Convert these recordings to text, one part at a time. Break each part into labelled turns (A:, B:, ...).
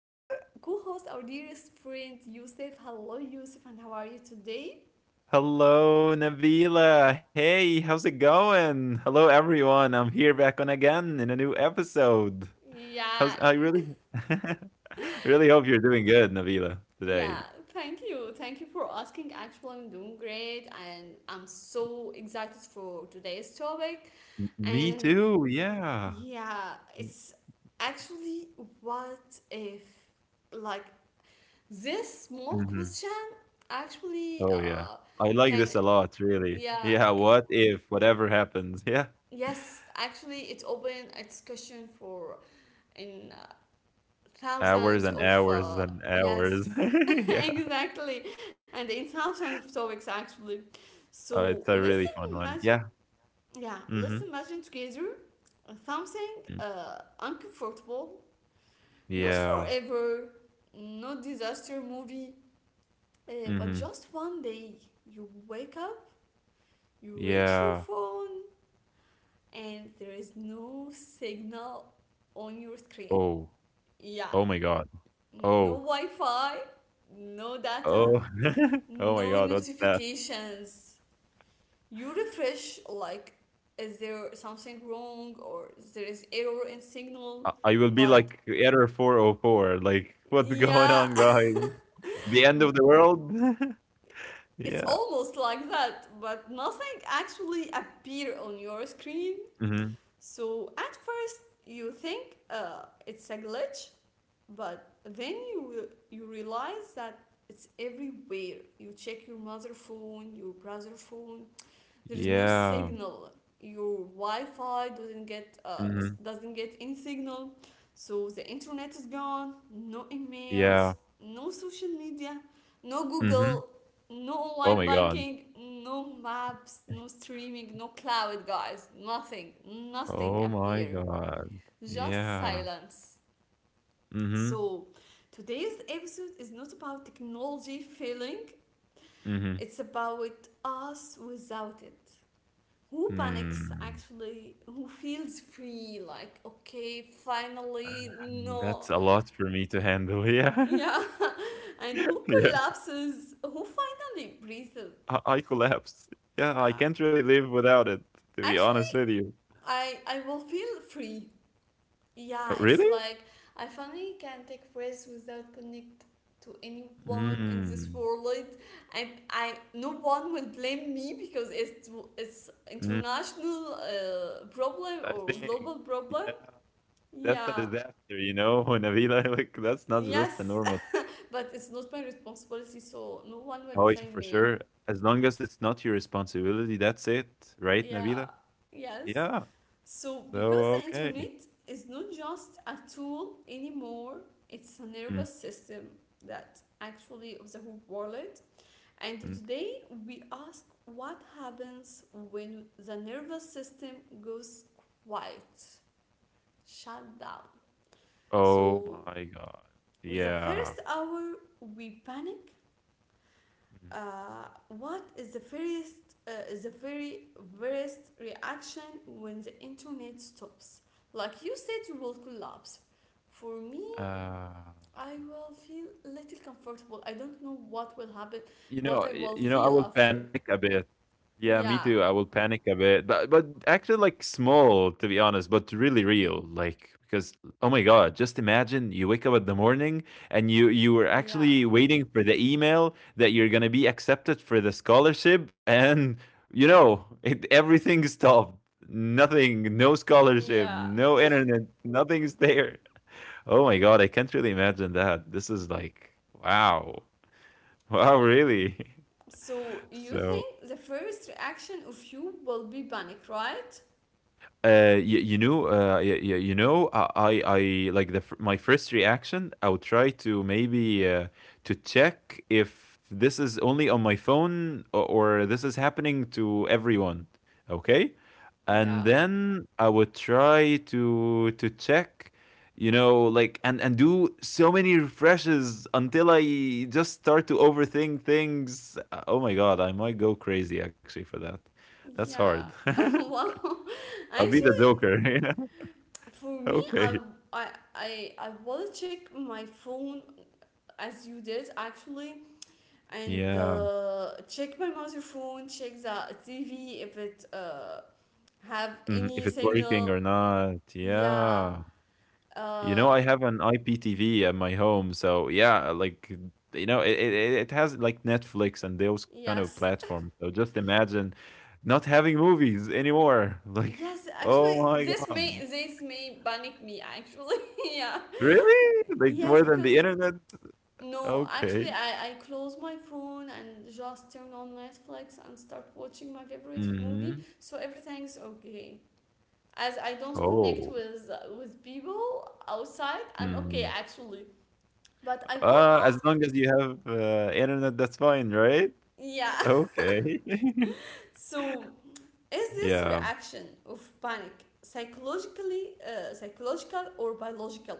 A: co host, our dearest friend, Yusuf. Hello, Yusuf, and how are you today?
B: Hello, Nabila. Hey, how's it going? Hello, everyone. I'm here back on again in a new episode. How's
A: Yeah,
B: I really, really hope you're doing good, Nabila,
A: yeah,
B: today.
A: thank you. Thank you for asking. Actually, I'm doing great, and I'm so excited for today's topic.
B: Me
A: And
B: too. Yeah.
A: yeah, it's actually what if, like, this small
B: hmm
A: question actually
B: Oh yeah. I like
A: can,
B: this a lot, really.
A: yeah,
B: Yeah. What if whatever happens? Yeah.
A: yes, actually it's open a discussion for in
B: Hours
A: thousands
B: and
A: of
B: hours and hours.
A: yes,
B: Yeah.
A: exactly, and in thousands of topics actually.
B: Oh, it's
A: So
B: a really
A: let's
B: fun one. Yeah.
A: imagine, yeah,
B: Mm-hmm.
A: let's imagine together something
B: Mm,
A: uncomfortable, not
B: yeah.
A: forever, not disaster movie, but
B: Mm-hmm.
A: just one day you wake up, you reach your
B: Yeah.
A: phone, and there is no signal on your screen.
B: Oh.
A: Yeah,
B: Oh my God.
A: no
B: Oh.
A: Wi Fi, no data,
B: Oh. Oh my
A: no
B: god, what's that?
A: notifications. You refresh, like, is there something wrong or there is error in signal?
B: I will be
A: But
B: like error 404, like, "What's going
A: yeah,
B: on, guys? The end of the world?"
A: it's
B: Yeah.
A: almost like that, but nothing actually appear on your screen.
B: Mhm.
A: So at first you think it's a glitch, but then you realize that it's everywhere. You check your mother phone, your brother phone, there is no
B: Yeah.
A: signal, your wi-fi
B: Mhm.
A: doesn't get any signal, so the internet is gone. No
B: Yeah.
A: emails, no social media, no
B: Mhm.
A: google, no
B: Oh
A: online
B: my god.
A: banking, no maps, no streaming, no cloud, guys, nothing. Nothing
B: Oh my
A: appear,
B: god.
A: just
B: Yeah.
A: silence.
B: Mhm.
A: So today's episode is not about technology failing,
B: Mhm.
A: it's about us without it. Who panics,
B: Mm.
A: actually, who feels free, like, okay, finally
B: And
A: no.
B: that's a lot for me to handle, yeah.
A: Yeah, and who
B: Yeah.
A: collapses, who finally breathes.
B: I collapsed. Yeah, I
A: uh,
B: can't really live without it, to be
A: actually
B: honest with you.
A: i i will feel free. Yeah, it's
B: Really?
A: like I finally can take breaths without connect to anyone in this
B: Mm,
A: world, and I, no one will blame me because it's
B: mm,
A: international problem
B: I
A: or
B: think,
A: global problem,
B: yeah, that's a
A: yeah.
B: disaster, you know, Nabila, like, that's not just a
A: Yes,
B: normal.
A: but it's not my responsibility, so no one will
B: Oh, yeah,
A: blame
B: for
A: me.
B: sure. As long as it's not your responsibility, that's it, right, Nabila?
A: Yeah, yes.
B: Yeah.
A: So,
B: So,
A: because the
B: okay.
A: internet is not just a tool anymore, it's a
B: Mm,
A: nervous system that actually of the whole world. And
B: mm.
A: today we ask, what happens when the nervous system goes quiet, shut down.
B: Oh
A: So,
B: my God.
A: the
B: Yeah.
A: first hour we panic.
B: Mm.
A: What is the first, the very worst reaction when the internet stops? Like you said, you will collapse. For me,
B: Uh
A: I will feel little comfortable. I don't know what will happen,
B: You
A: what
B: know
A: I
B: y
A: will
B: you know, I
A: feel
B: will
A: after.
B: panic a bit. Yeah, me too, I
A: Yeah,
B: will panic a bit, but actually, like, small, to be honest, but really real, like, because oh my god, just imagine you wake up in the morning and you were
A: yeah,
B: actually waiting for the email that you're gonna be accepted for the scholarship, and, you know, it everything stopped. Nothing, no scholarship,
A: yeah.
B: no internet, nothing's there. Oh my god, I can't really imagine that. This is like, wow. Wow, really?
A: So you
B: So
A: think the first reaction of you will be panic, right?
B: you, you, I like the my first reaction. I would try to maybe to check if this is only on my phone, or this is happening to everyone. Okay, and
A: Yeah,
B: then I would try to check. You know, like and do so many refreshes until I just start to overthink things. Oh my god, I might go crazy actually for that. That's hard.
A: yeah. Wow.
B: I'll be the
A: Actually,
B: joker. Yeah.
A: for me
B: Okay.
A: I I will check my phone, as you did actually, and
B: Yeah.
A: check my mother phone, check the tv if it have
B: Mhm. If
A: any
B: it's working or
A: signal,
B: not.
A: yeah.
B: Yeah. You know,
A: uh,
B: I have an IPTV at my home, so yeah, like you know, it has like Netflix and those kind of
A: yes,
B: platforms. So just imagine not having movies anymore. Like,
A: yes, actually
B: oh my
A: this may
B: god.
A: this may panic me actually. Yeah,
B: Really? Like
A: yes,
B: more than the
A: because
B: internet?
A: no, actually,
B: Okay.
A: I close my phone and just turn on Netflix and start watching my favorite movie,
B: hmm
A: so everything's okay. As I don't connect
B: Oh.
A: with people outside, I'm okay
B: Mhm.
A: actually. But I will
B: As
A: ask,
B: long as you have internet, that's fine, right?
A: yeah.
B: Okay.
A: So, is this
B: Yeah.
A: reaction of panic psychologically, psychological or biological?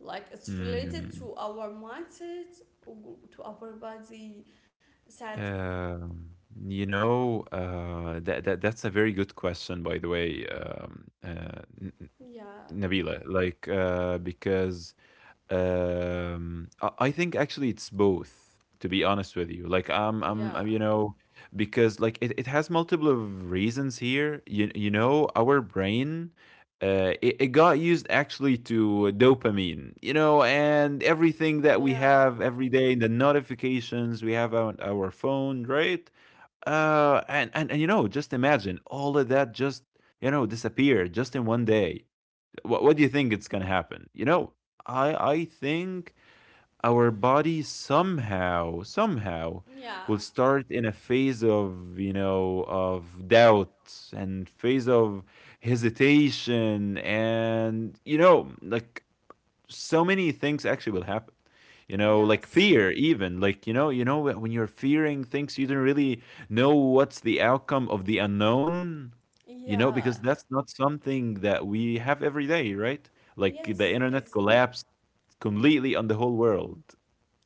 A: Like it's related
B: Mm.
A: to our mindset, or to our body, that
B: Um, you know, that's a very good question, by the way,
A: yeah,
B: Nabila. Like, because um, I think actually, it's both, to be honest with you. Like
A: yeah.
B: I'm, you know, because like it has multiple of reasons here. You know, our brain, it got used actually to dopamine, you know, and everything that we
A: Yeah,
B: have every day, the notifications we have on our phone, right? And you know, just imagine all of that just you know disappeared just in one day. What do you think it's gonna happen? You know, I think our body somehow
A: yeah,
B: will start in a phase of, you know, of doubt and phase of hesitation, and you know, like so many things actually will happen, you know, like
A: yes,
B: fear even, like, you know, you know when you're fearing things, you don't really know what's the outcome of the unknown, you know, because
A: yeah,
B: that's not something that we have every day, right? Like the
A: yes,
B: internet
A: it's
B: collapsed completely on the whole world,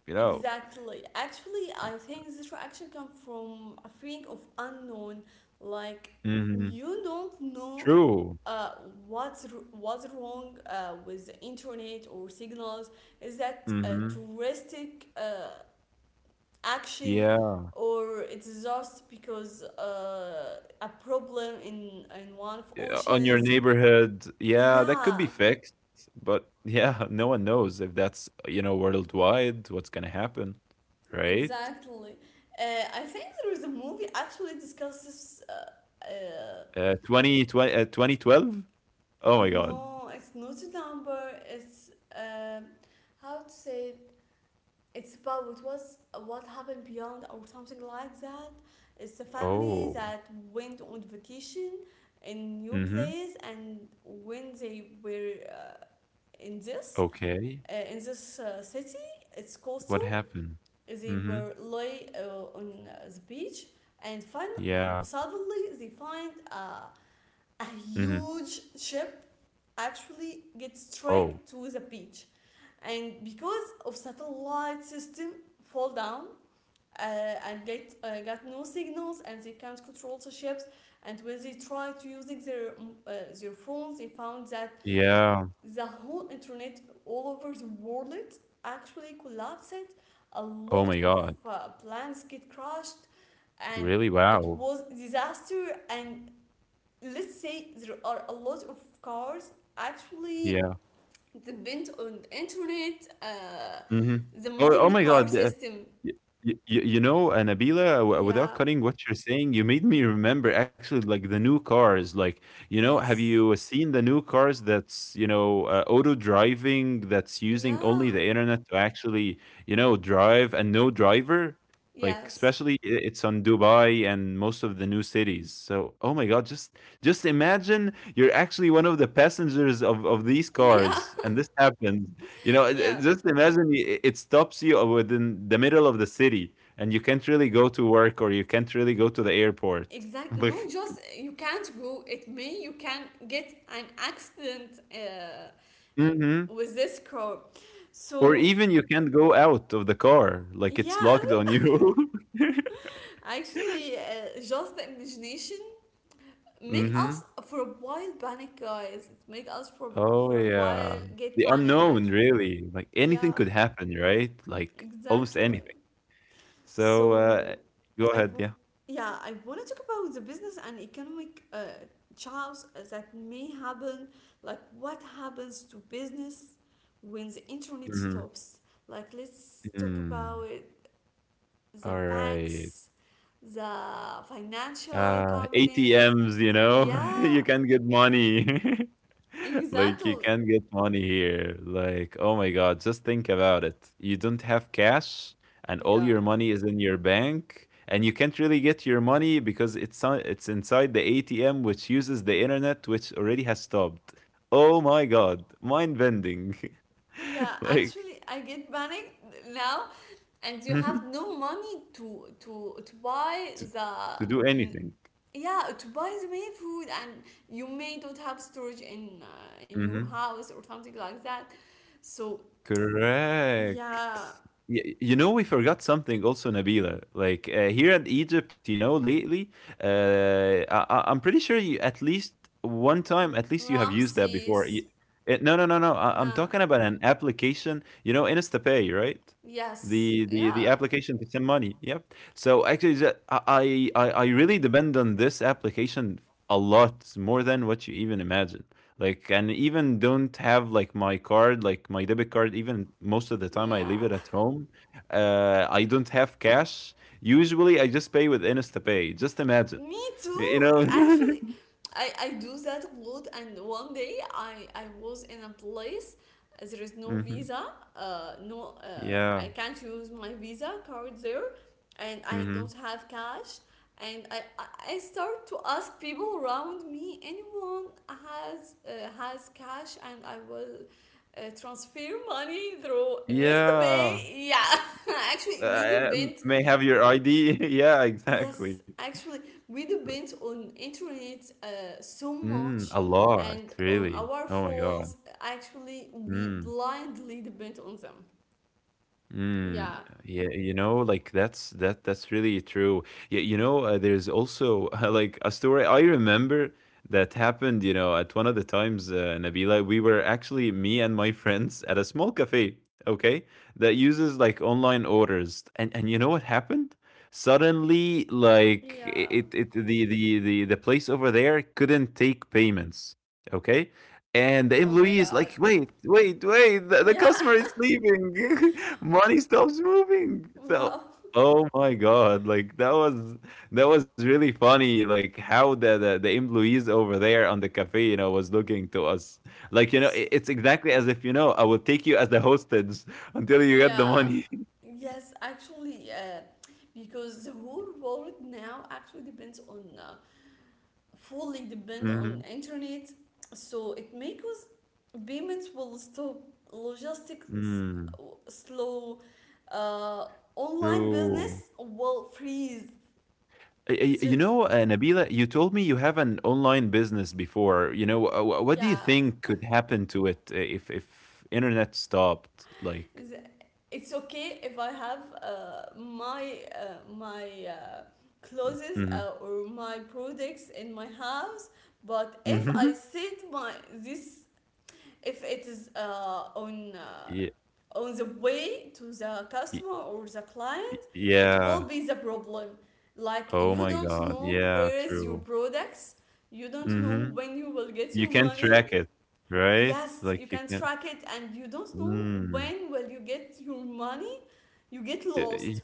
B: you know.
A: exactly. Actually, I think this reaction comes from a feeling of unknown, like
B: Hmm
A: you don't know
B: True.
A: uh, what's what's wrong with the internet or signals. Is that
B: Hmm
A: touristic action?
B: Yeah.
A: Or it's just because a problem in one of
B: Yeah, on your
A: oceans.
B: neighborhood. Yeah, that could be
A: Yeah,
B: fixed, but yeah, no one knows if that's, you know, worldwide, what's gonna happen, right?
A: exactly. I think there is a movie actually discusses.
B: Uh, 2012? Oh my God.
A: No, it's not a number. It's, um how to say it? It's about what was what happened beyond or something like that. It's a family
B: Oh.
A: that went on vacation in new
B: Mm-hmm.
A: place, and when they were in this
B: Okay.
A: in this city, it's coastal.
B: What happened?
A: They
B: Mm-hmm.
A: were lay on the beach and find,
B: Yeah.
A: suddenly they find a
B: Mm-hmm.
A: huge ship actually gets
B: Oh.
A: straight to the beach. And because of satellite system fall down and get got no signals, and they can't control the ships, and when they tried to using their their phones, they found that
B: Yeah.
A: the whole internet all over the world actually collapsed, a
B: Oh
A: lot
B: my
A: of
B: God.
A: plans get crushed, and
B: Really?
A: it
B: Wow.
A: was disaster, and let's say there are a lot of cars actually
B: Yeah.
A: depend on the internet,
B: Mm-hmm.
A: the
B: Oh, oh
A: modern
B: my
A: car
B: God. Y
A: system.
B: y y you know, Nabila, w without
A: Yeah,
B: cutting what you're saying, you made me remember actually like the new cars. Like, you know, have
A: yes,
B: you seen the new cars that's, you know, auto driving, that's using only
A: yeah,
B: the internet to actually, you know, drive and no driver? Like,
A: yes,
B: especially it's on Dubai and most of the new cities. So, oh my God, just imagine you're actually one of the passengers of these
A: yeah.
B: cars, and this happens. You know,
A: Yeah,
B: just imagine it stops you within the middle of the city, and you can't really go to work or you can't really go to the airport.
A: exactly.
B: Like,
A: No, just you can't go. It may you can get an accident
B: hmm
A: with this car.
B: or
A: So
B: even you can't go out of the car. Like it's
A: yeah,
B: locked on you.
A: actually, just the imagination make
B: hmm
A: us for a while panic, guys. It make us for
B: Oh
A: for a while
B: yeah,
A: get
B: the
A: panic.
B: unknown
A: Actually,
B: really. Like anything
A: yeah,
B: could happen, right? Like almost
A: exactly.
B: anything. So
A: So,
B: go
A: I
B: ahead,
A: w-
B: yeah.
A: yeah, I want to talk about the business and economic chaos that may happen, like what happens to business when the internet stops. Like, let's talk
B: Mm-hmm.
A: about the
B: All right.
A: banks, the financial companies.
B: ATMs, you know,
A: Yeah,
B: you can get money. Like, you
A: exactly.
B: can get money here. Like, oh my God, just think about it. You don't have cash, and all
A: Yeah.
B: your money is in your bank, and you can't really get your money because it's it's inside the ATM, which uses the internet, which already has stopped. Oh my God, mind bending.
A: Yeah,
B: Like,
A: actually, I get panicked now, and you have
B: to,
A: no money to buy
B: to do
A: the,
B: anything.
A: yeah, to buy the main food, and you may not have storage in your
B: Mm-hmm.
A: house or something like that, so yeah.
B: Correct. You know, we forgot something also, Nabila. Like here in Egypt, you know, lately, I'm pretty sure you at least one time,
A: R-
B: at least you have used that before.
A: ramses,
B: Eh, no, no, no, no. I'm
A: nah,
B: talking about an application. You know, InstaPay, right?
A: yes,
B: The
A: yeah,
B: application to send money. Yep. So actually, I I really depend on this application a lot more than what you even imagine, like, and even don't have like my card, like my debit card, even most of the time I
A: yeah.
B: leave it at home. Uh, I don't have cash, usually I just pay with InstaPay. Just imagine.
A: Me
B: You
A: too.
B: know.
A: Actually, I do that a lot. And one day I was in a place, there is no
B: hmm
A: visa, no,
B: Yeah.
A: I can't use my visa card there, and I
B: hmm
A: don't have cash. And I start to ask people around me, anyone has cash, and I will transfer money through
B: Yeah,
A: NestPay. Yeah, actually, we depend.
B: may have your id. Yeah, exactly.
A: Yes, actually, we depend on internet so
B: Mm, a
A: much,
B: lot
A: and on
B: really,
A: our
B: oh my god.
A: phones. Actually, we
B: Mm.
A: blindly depend on them.
B: Mm,
A: Yeah.
B: yeah, you know, like that's that's really true. Yeah, you know, there's also like a story I remember that happened, you know, at one of the times, Nabila. We were actually me and my friends at a small cafe, okay, that uses like online orders. And you know what happened? Suddenly, like
A: Yeah.
B: it the place over there couldn't take payments, okay? And the
A: Oh my
B: employee is like,
A: god.
B: wait, wait, wait, the
A: Yeah.
B: customer is leaving. Money stops moving. So,
A: Wow.
B: oh my god, like that was really funny. Like how the the employees over there on the cafe, you know, was looking to us. Like, you know,
A: So,
B: it's exactly as if, you know, I will take you as the hostage until you get the
A: yeah.
B: money.
A: Yes, actually, because the whole world now actually depends on fully depend
B: Mhm.
A: on internet, so it makes payments will stop, logistics
B: Mm,
A: uh, slow, uh, online business
B: true.
A: will freeze,
B: Uh, uh, You know, Nabila, you told me you have an online business before. You know, what do you
A: yeah.
B: think could happen to it if internet stopped? Like,
A: the- it's okay if I have my clothes
B: hmm
A: or my products in my house, but if I
B: hmm
A: set my this, if it is on the way to the
B: Y
A: customer or the
B: y
A: client, it will
B: yeah.
A: be the problem, like
B: Oh
A: you
B: my
A: don't
B: god.
A: know
B: Yeah,
A: where is your
B: true.
A: products, you don't know
B: Mhm.
A: when you will get
B: You
A: your
B: can
A: money.
B: track it, right?
A: Yes, you
B: Like you
A: can
B: can.
A: track it, and you don't know
B: Mm.
A: when will you get your money. You get
B: Y y
A: lost.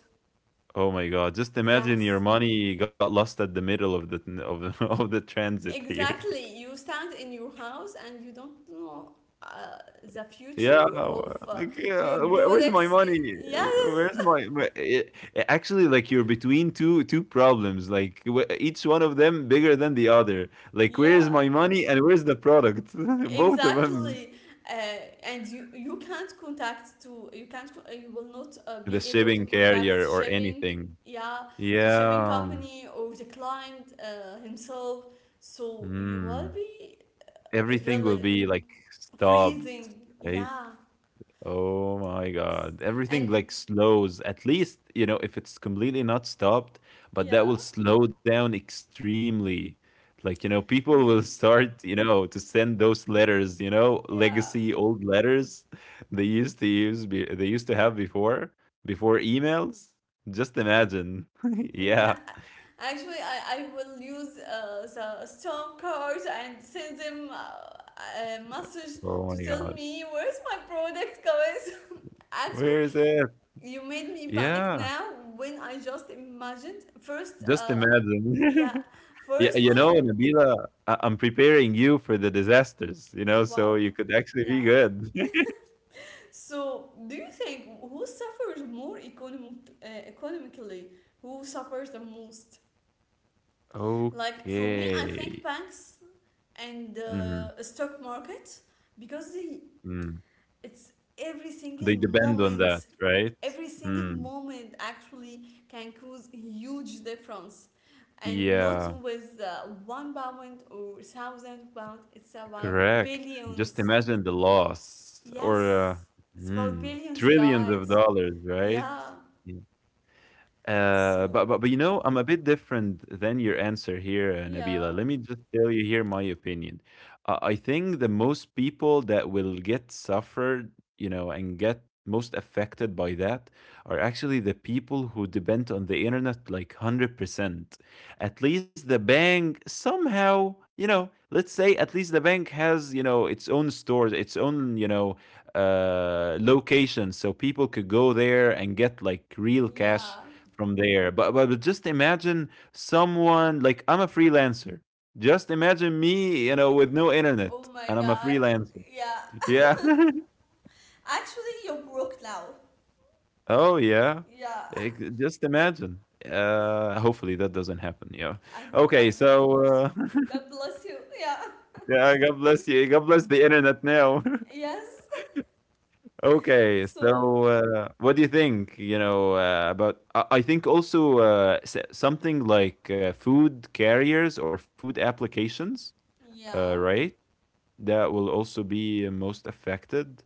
B: oh my god. Just imagine your
A: Yes,
B: money got lost at the middle of the of the transit here.
A: exactly, you stand in your house and you don't know uh, the
B: Yeah.
A: future of
B: Wha like, yeah,
A: your
B: "Where where's my
A: products,
B: money? Wh
A: yes.
B: where's my wh" eh eh, actually, like, you're between 2 problems, like, wh each one of them bigger than the other. Like, where is
A: Yeah,
B: my money and where's the product? Both of them.
A: exactly. And you can't contact to, you can't you will not
B: The
A: be able to
B: shipping
A: contact
B: carrier or
A: shipping,
B: anything.
A: yeah, the shipping
B: Yeah.
A: company or the client himself. So you will
B: Mm.
A: be
B: Everything will
A: really
B: be
A: in
B: like stopped,
A: freezing.
B: right?
A: Yeah,
B: Oh my
A: S-
B: God. Everything
A: and
B: like slows. At least, you know, if it's completely not stopped, but
A: yeah
B: that will slow down extremely. Like, you know, people
A: you,
B: will start, you know, to send those letters, you know,
A: yeah,
B: legacy old letters they used to use, they used to have before, before emails. Just imagine.
A: yeah.
B: Yeah.
A: Actually, I will use the storm card and send them a message
B: Oh my
A: to tell
B: god.
A: me where's my product, guys.
B: Where
A: Actually,
B: is it?
A: you made me panic
B: Yeah.
A: now when I just imagined first.
B: Just
A: Yeah,
B: imagine. Yeah, you
A: firstly,
B: know, Nabila, I'm preparing you for the disasters, you know, so
A: wow.
B: you could actually
A: Yeah.
B: be good.
A: So, do you think who suffers more economic, economically? Who suffers the most? Like for me, I think
B: Okay.
A: banks and
B: hmm
A: the stock market, because they,
B: Mm.
A: it's every single
B: They depend on that,
A: moment,
B: right?
A: every single
B: Mm.
A: moment actually can cause huge difference, and not
B: Yeah,
A: with £1 or £1,000, it's about
B: correct. Just
A: billions.
B: imagine the loss or
A: Yes, it's about
B: mm,
A: billions,
B: trillions of
A: guys.
B: dollars, right?
A: Yeah.
B: Yeah.
A: So
B: But you know, I'm a bit different than your answer here,
A: yeah,
B: Nabila. Let me just tell you here my opinion. I think the most people that will get suffered, you know, and get most affected by that are actually the people who depend on the internet like 100%. At least the bank somehow, you know, let's say at least the bank has, you know, its own stores, its own, you know, locations so people could go there and get like real cash
A: yeah,
B: from there. But just imagine someone like I'm a freelancer. Just imagine me, you know, with no
A: oh
B: internet,
A: my
B: and I'm a
A: god,
B: freelancer.
A: yeah.
B: Yeah.
A: Actually, you're broke now.
B: Oh yeah.
A: Yeah,
B: Just imagine. Hopefully that doesn't happen. Yeah.
A: I hope, I
B: Okay.
A: hope of course. God bless you, yeah.
B: Yeah. God bless you. God bless the internet now.
A: Yes.
B: Okay.
A: So,
B: So what do you think? You know, about I think also something like food carriers or food applications.
A: yeah,
B: Right? That will also be most affected.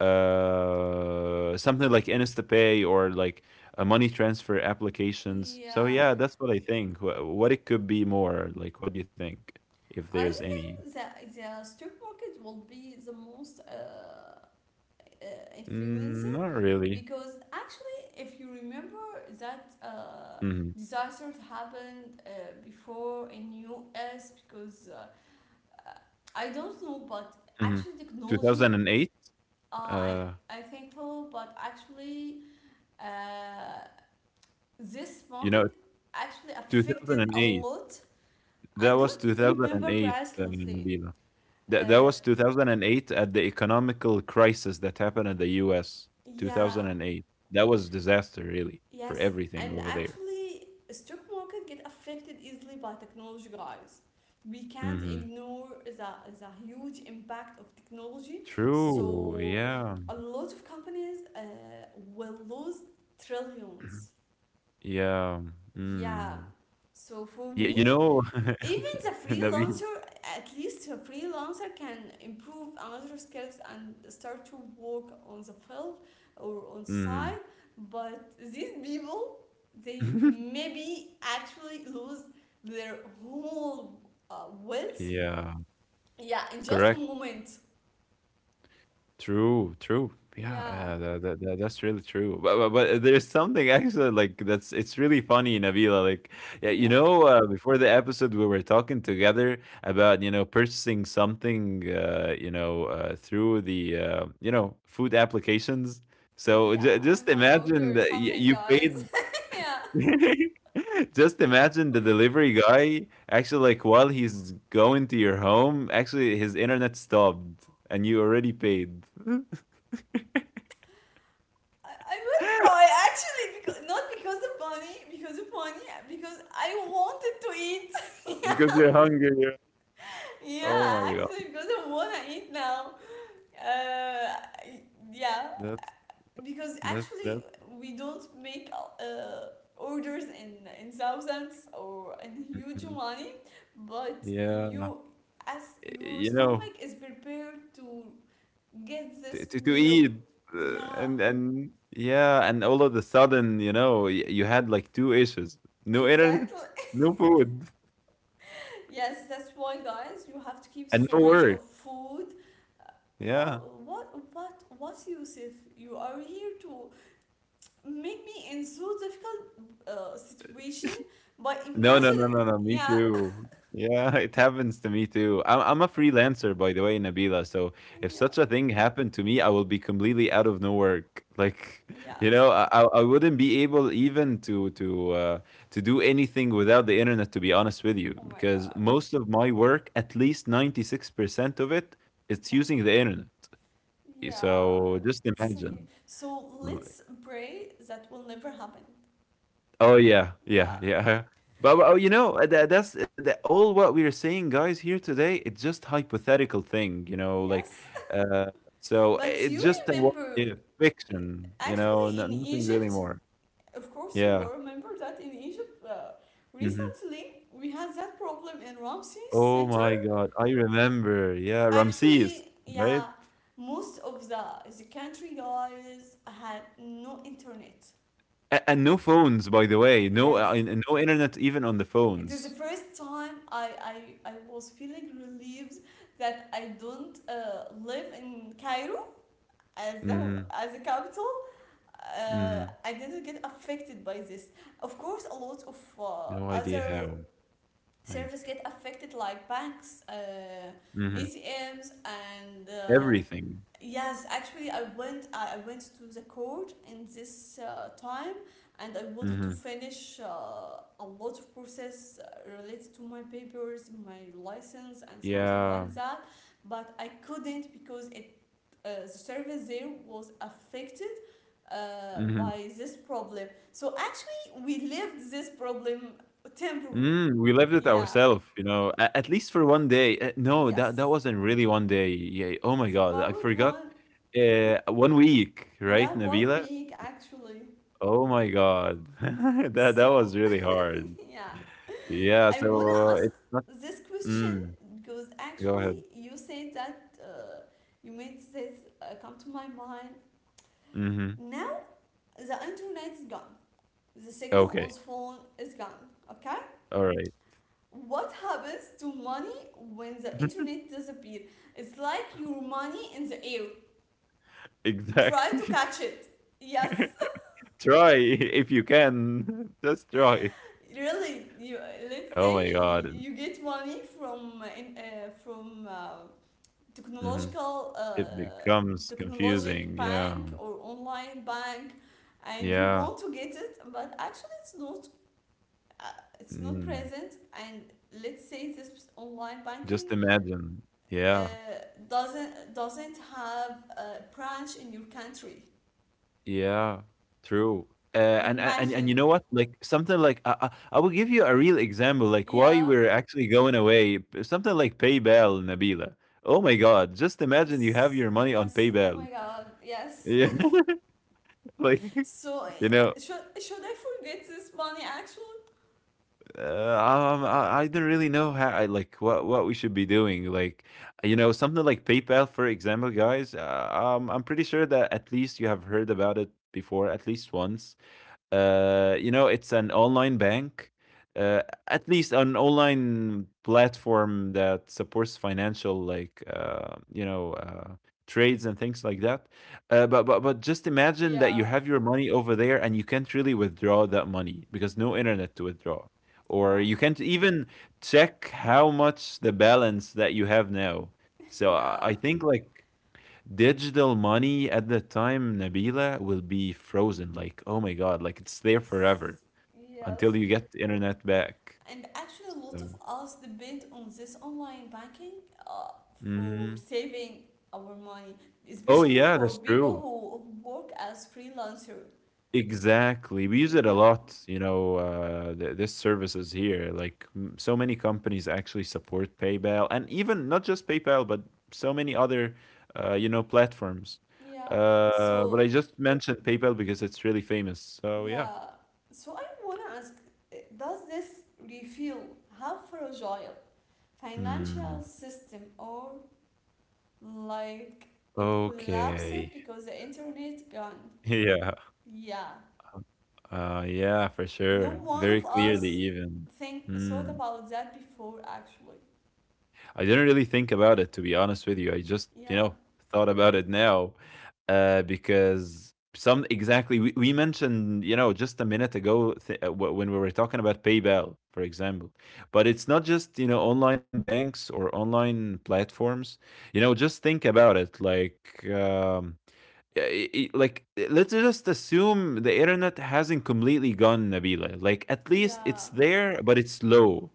B: Something like InstaPay or like money transfer applications. So
A: yeah.
B: yeah, that's what I think. What it could be more like. What do you think, if
A: I
B: there's any?
A: think that the stock market will be the most uh, influenced,
B: Mm, not really.
A: because actually, if you remember that
B: Hmm.
A: disaster happened before in US, because uh, I don't know, but
B: Hmm.
A: actually technology,
B: 2008.
A: uh, I
B: Uh,
A: I think so, but actually uh, this
B: you
A: market
B: know,
A: actually affected a
B: 2008.
A: lot. I
B: That was
A: don't remember
B: 2008,
A: precisely.
B: Nabila. That
A: Uh,
B: was 2008 at the economical crisis that happened at the US.
A: yeah,
B: 2008. That was disaster really for
A: yes,
B: everything
A: and
B: over there.
A: actually, stock market get affected easily by technology, guys. We can't
B: Mhm.
A: ignore the huge impact of technology.
B: True.
A: So
B: Yeah.
A: a lot of companies will lose trillions.
B: Yeah.
A: Yeah.
B: Mm.
A: So for
B: Yeah, you
A: me,
B: know,
A: even the
B: Nabil.
A: freelancer, at least a freelancer can improve another skills and start to work on the field or on the side,
B: Mhm.
A: but these people, they maybe actually lose their whole wealth,
B: Yeah,
A: yeah, in just a
B: correct.
A: moment.
B: True. Yeah,
A: Yeah,
B: that's really true. But there's something actually like that's it's really funny, Nabila. Like yeah,
A: yeah,
B: you know, before the episode we were talking together about you know purchasing something, you know, through the you know food applications.
A: yeah,
B: So
A: I
B: just
A: wanna order
B: imagine that
A: something,
B: you
A: guys.
B: paid.
A: Yeah.
B: Just imagine the delivery guy actually like while he's going to your home, actually his internet stopped and you already paid.
A: I will cry actually because not because of money, because of money, because I wanted to eat.
B: Because you're hungry, yeah. Oh
A: Yeah,
B: my god.
A: actually because I wanna eat now. Uh, yeah,
B: That's
A: because
B: that's
A: actually
B: that's
A: we don't make orders in thousands or in huge
B: mhm.
A: money, but
B: Yeah.
A: you as
B: You
A: your
B: know,
A: stomach is prepared to get
B: to
A: this
B: to to
A: meal.
B: eat,
A: Yeah,
B: and and all of a sudden, you know, y you had like 2 issues. No internet,
A: exactly.
B: no food,
A: Yes, that's why, guys, you have to keep
B: and no
A: storage
B: work.
A: of food.
B: Yeah.
A: What, what, what, what, Yusuf? You are here to make me in so difficult situation. But
B: No, no,
A: imagine,
B: no, no, no, me
A: yeah,
B: too. Yeah, it happens to me too. I'm a freelancer, by the way, Nabila. So if
A: yeah,
B: such a thing happened to me, I will be completely out of no work. Like,
A: yeah.
B: you know, I wouldn't be able even to to do anything without the internet, to be honest with you,
A: Oh my
B: because
A: God.
B: most of my work, at least 96% of it, it's
A: Wow.
B: using the internet.
A: Yeah.
B: So just
A: It's,
B: imagine.
A: so let's pray that will never happen.
B: Oh yeah, yeah,
A: Yeah.
B: yeah. But, oh, you know, all what we're saying, guys, here today. It's just hypothetical thing, you know, like
A: Yes.
B: uh,
A: But
B: it's
A: you
B: just a what
A: remember,
B: if
A: uh,
B: fiction, you
A: actually,
B: know, nothing really more.
A: Of course, you
B: Yeah.
A: will remember that in Egypt
B: Hmm.
A: recently we had that problem in Ramses
B: Oh
A: Center.
B: my God, I remember. Yeah, Ramses,
A: Actually,
B: right?
A: yeah, most of the country guys had no internet.
B: A- and no phones, by the way. No,
A: Yes,
B: no internet even on the
A: it is the
B: phones.
A: first time I was feeling relieved that I don't live in Cairo as the
B: Hmm.
A: as a capital.
B: Hmm.
A: I didn't get affected by this. Of course, a lot of
B: No idea
A: other
B: how. Like,
A: service get affected, like banks,
B: hmm,
A: ATMs, and
B: everything.
A: yes, actually, I went to the court in this time and I wanted
B: Hmm.
A: to finish a lot of process related to my papers, my license, and something
B: Yeah.
A: like that, but I couldn't because it the service there was affected
B: Mhm.
A: by this problem. So actually we lived this problem temporarily.
B: Mm, we lived it
A: Yeah.
B: ourselves, you know, a at least for 1 day. No, that that
A: Yes,
B: wasn't really 1 day. Yeah. Oh my
A: it's
B: God, I
A: about
B: forgot. 1 week, right,
A: yeah, one
B: Nabila?
A: week actually.
B: Oh my God, that that was
A: So,
B: really hard.
A: yeah,
B: Yeah.
A: I wanna
B: So
A: ask
B: it's not.
A: this question
B: Mm,
A: because
B: go ahead.
A: actually you said that, you made this come to my mind.
B: Hmm.
A: Now the internet is gone, the signal on
B: Okay.
A: phone is gone. Okay,
B: All right.
A: what happens to money when the internet disappears? It's like your money in the air. Try to
B: Exactly.
A: catch it. Yes,
B: Try if you can. Just try.
A: really, you
B: Oh
A: let's
B: my
A: say you,
B: God.
A: you get money from in, from
B: Hmm.
A: technological
B: It becomes
A: technologic
B: confusing. Yeah.
A: bank or online bank, and you
B: Yeah.
A: want to get it, but actually uh, it's not
B: Mm,
A: present, and let's say this online
B: just
A: banking
B: imagine.
A: uh,
B: Yeah,
A: doesn't have a branch in your country.
B: yeah, true. Uh, and
A: Imagine.
B: you know what? Like something like I will give you a real example, like why
A: Yeah,
B: we're actually going away. Something like PayPal, Nabila. Oh my God! Just imagine you have
A: yes,
B: your money on
A: yes, oh my
B: PayPal.
A: god, yes.
B: Yeah, like
A: So,
B: you know,
A: should I forget this money actually?
B: I don't really know how, I, like what we should be doing. Like you know, something like PayPal, for example, guys. I'm pretty sure that at least you have heard about it before, at least once. You know, it's an online bank, uh, at least an online platform that supports financial, like trades and things like that. But just imagine that you
A: Yeah.
B: have your money over there and you can't really withdraw that money because no internet to withdraw, or
A: Wow.
B: you can't even check how much the balance that you have now. So I
A: Yeah.
B: I think like digital money at that time, Nabila, will be frozen. Like, oh my God, like it's there forever
A: Yes. Yes.
B: until you get the internet back.
A: And actually, a lot
B: So,
A: of us depend on this online banking uh, for
B: mhm.
A: saving our money,
B: Oh,
A: especially
B: yeah,
A: for
B: that's
A: people
B: true.
A: who work as freelancer.
B: Exactly. We use it a
A: Yeah.
B: lot, you know, this service is here. Like, so many companies actually support PayPal and even not just PayPal, but so many other, platforms.
A: Yeah.
B: But I
A: So
B: just mentioned PayPal because it's really famous. So, yeah.
A: yeah. So I wanna ask, does this reveal how fragile
B: Mm,
A: financial system, or, like, it
B: okay.
A: collapsed because the internet gone?
B: Yeah,
A: Yeah.
B: yeah, for
A: No
B: sure.
A: one
B: Very
A: of
B: clearly,
A: us
B: even.
A: think thought
B: Mm.
A: about that before actually.
B: I didn't really think about it, to be honest with you. I just, you
A: Yeah.
B: know, thought about it now, because some exactly we mentioned, you know, just a minute ago when we were talking about PayPal, for example. But it's not just, you know, online banks or online platforms. You know, just think about it, like. Uh, like let's just assume the internet hasn't completely gone, Nabila. Like at least it's
A: Yeah.
B: there but it's slow.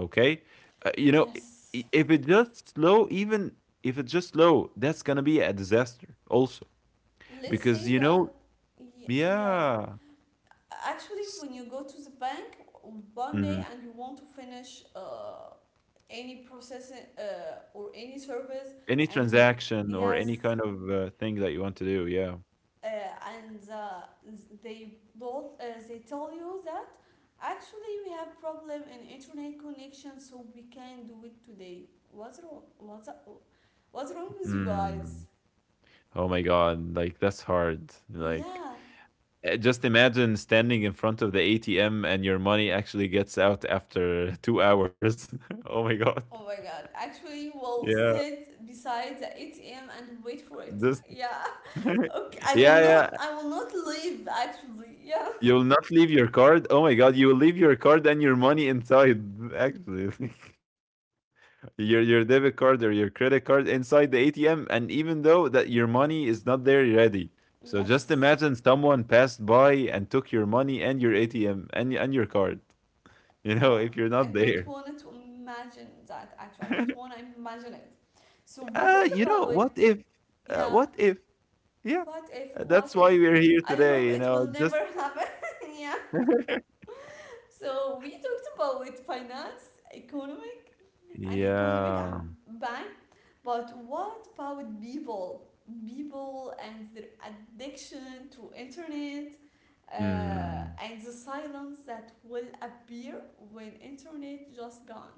B: Okay, you know,
A: Yes.
B: if it's just slow even, if it's just slow, that's gonna be a disaster also
A: Let's
B: because
A: say
B: you know
A: that, yeah.
B: yeah.
A: Actually,
B: s-
A: when you go to the bank one day
B: mhm.
A: and you want to finish any process or any service,
B: Any
A: and
B: transaction or
A: yes,
B: any kind of thing that you want to do, yeah.
A: uh, and they tell you that actually we have problem in internet connection, so we can't do it today. What's wrong? What's wrong with you
B: Mm.
A: guys?
B: Oh my god, like that's hard, like,
A: Yeah.
B: uh, just imagine standing in front of the ATM and your money actually gets out after 2 hours. Oh my God.
A: Oh my god. Actually, we'll
B: Yeah.
A: sit beside the ATM and wait for it.
B: This
A: Yeah.
B: yeah,
A: Okay. I will
B: yeah.
A: not. I will not leave. Actually. Yeah.
B: You'll not leave your card. Oh my God, you will leave your card and your money inside, actually. Your debit card or your credit card inside the ATM, and even though that your money is not there ready. So just
A: Yes.
B: imagine someone passed by and took your money and your ATM and your card. You know,
A: Oh,
B: if you're
A: I
B: not
A: don't
B: there.
A: want to imagine that. Actually, I don't want to imagine it. So we talked
B: You know,
A: about, yeah,
B: what if, yeah.
A: what if?
B: That's why we're here
A: I hope
B: today, you
A: it
B: know,
A: will
B: just,
A: never happen. Yeah. So we talked about finance, economic economic,
B: yeah,
A: and bank. But what about People and their addiction to internet,
B: mm,
A: and the silence that will appear when internet just gone.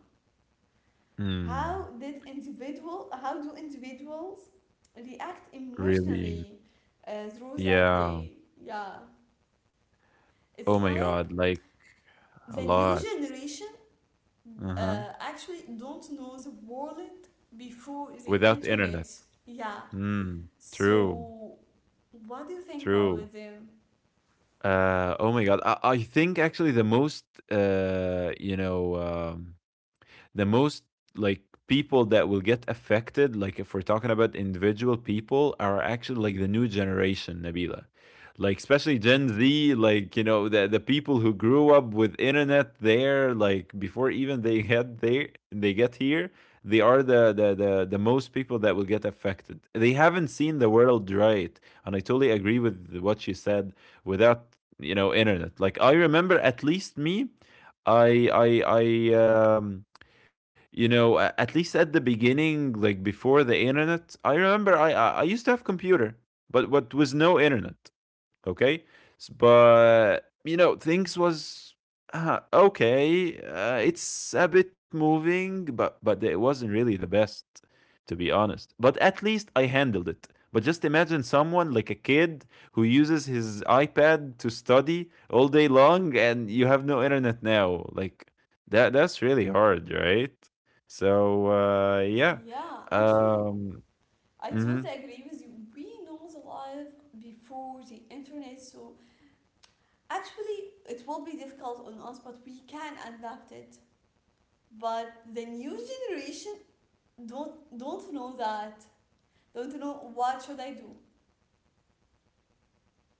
B: mm,
A: How do individuals react
B: really,
A: emotionally through that
B: yeah,
A: day? Yeah, it's
B: oh my
A: like
B: God, like a
A: the new
B: lot,
A: generation
B: uh-huh,
A: actually don't know the world before the
B: without internet,
A: internet. Yeah.
B: mm, true,
A: So what do you think
B: true.
A: about them?
B: Oh my God, I think actually the most, uh, you know, um, the most like people that will get affected, like if we're talking about individual people, are actually like the new generation, Nabila. Like especially Gen Z, like you know the people who grew up with internet there, like before even they had there they get here, they are the the most people that will get affected. They haven't seen the world, right? And I totally agree with what you said, without you know internet. Like I remember at least me, I I I you know at least at the beginning, like before the internet, I remember I used to have a computer but what was no internet. Okay, but you know things was okay, it's a bit moving but it wasn't really the best, to be honest, but at least I handled it. But just imagine someone like a kid who uses his iPad to study all day long and you have no internet now. Like that that's really hard, right? So uh, yeah,
A: Yeah, actually,
B: um,
A: I
B: mhm.
A: totally agree with you. We know the life before the internet, so actually it will be difficult on us, but we can adapt it. But the new generation don't know that, don't know what should I do.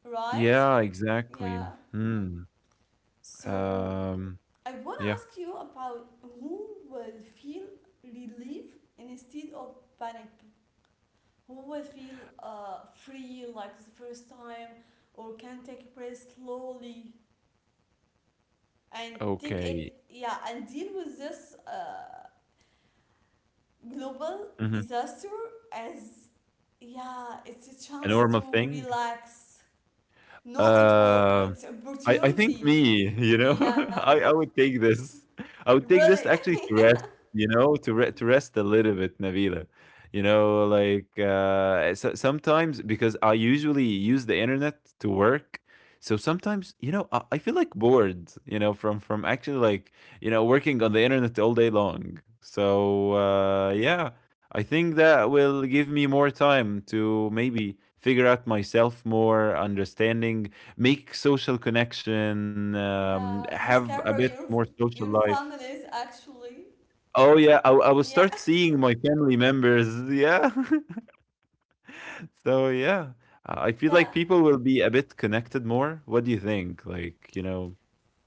A: Right?
B: Yeah, exactly.
A: Yeah.
B: Hmm.
A: So
B: Um,
A: I want to
B: yeah.
A: ask you about, who will feel relief instead of panic? Who will feel free like the first time, or can take a breath slowly and take
B: Okay.
A: it, yeah, and deal with this global
B: Mhm.
A: disaster as... yeah, it's a
B: A
A: chance
B: normal
A: to
B: thing?
A: relax. No,
B: Um,
A: it's
B: I think
A: opportunity.
B: me, you know,
A: Yeah.
B: I would take this. I would take this
A: Really?
B: actually to rest, you know, to re to rest a little bit, Navila. You know, like so, sometimes because I usually use the internet to work, so sometimes you know I feel like bored, you know, from actually like you know working on the internet all day long. So yeah, I think that will give me more time to maybe figure out myself more, understanding, make social connection,
A: Yeah,
B: have a
A: discover
B: bit
A: your
B: more social
A: your
B: life.
A: families actually.
B: Oh yeah, I will
A: Yeah.
B: start seeing my family members. Yeah, so yeah, I feel like
A: Yeah.
B: people will be a bit connected more. What do you think? Like you know,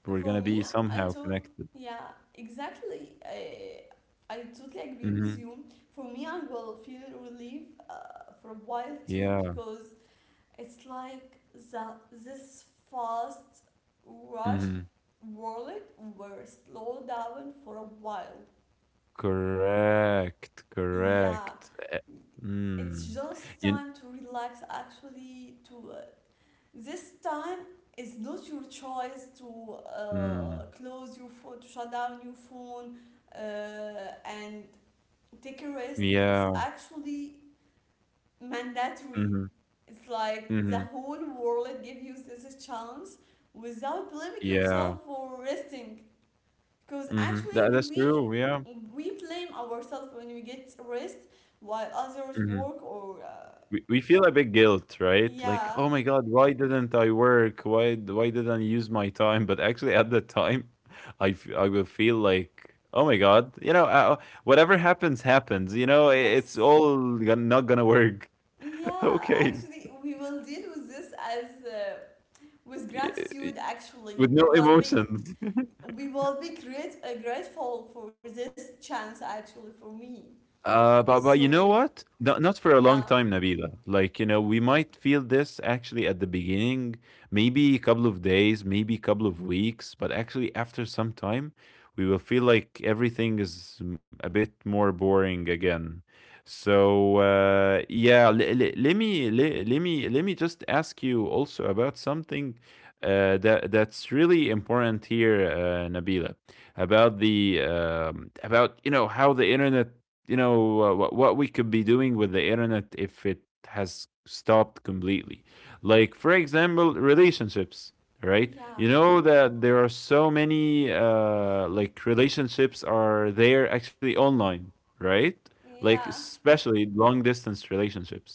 B: we're
A: for
B: gonna be
A: me I
B: somehow
A: thought
B: connected.
A: Yeah, exactly, I totally agree
B: Hmm.
A: with you. For me, I will feel relief for a while too,
B: Yeah.
A: because it's like the this fast rush
B: Hmm.
A: world were slow down for a while.
B: Correct.
A: Yeah,
B: Correct. Eh,
A: it's
B: mm.
A: just
B: You.
A: time to relax. Actually, to this time is not your choice to
B: Mm.
A: close your phone, to shut down your phone, and take a rest. It's
B: Yeah.
A: actually mandatory.
B: Hmm.
A: It's like the
B: Hmm.
A: whole world gives you this chance without blaming
B: Yeah.
A: yourself for resting. Because
B: Hmm. That,
A: actually,
B: that's
A: we
B: true. Yeah.
A: we blame ourselves when we get rest while others
B: Hmm.
A: work, or
B: We feel a big guilt, right? Like,
A: yeah,
B: oh my god, why didn't I work? Why didn't I use my time? But actually, at the time, I will feel like, oh my god, you know, whatever happens, happens. You know, it's
A: yes,
B: all not gonna work.
A: yeah,
B: Okay,
A: actually we will deal with this as with
B: y- y-
A: gratitude. Actually,
B: with no emotions.
A: we will be grateful for this chance, actually, for me.
B: But you
A: So,
B: know what? Not not for a
A: yeah.
B: long time, Nabila. Like you know, we might feel this actually at the beginning, maybe a couple of days, maybe a couple of weeks, but actually after some time, we will feel like everything is a bit more boring again. Yeah, le- le- let me just ask you also about something that's really important here, Nabila, about the about you know how the internet you know what we could be doing with the internet if it has stopped completely, like for example relationships, right?
A: Yeah,
B: You know that there are so many like relationships are there actually online, right? Like
A: yeah.
B: especially long distance relationships.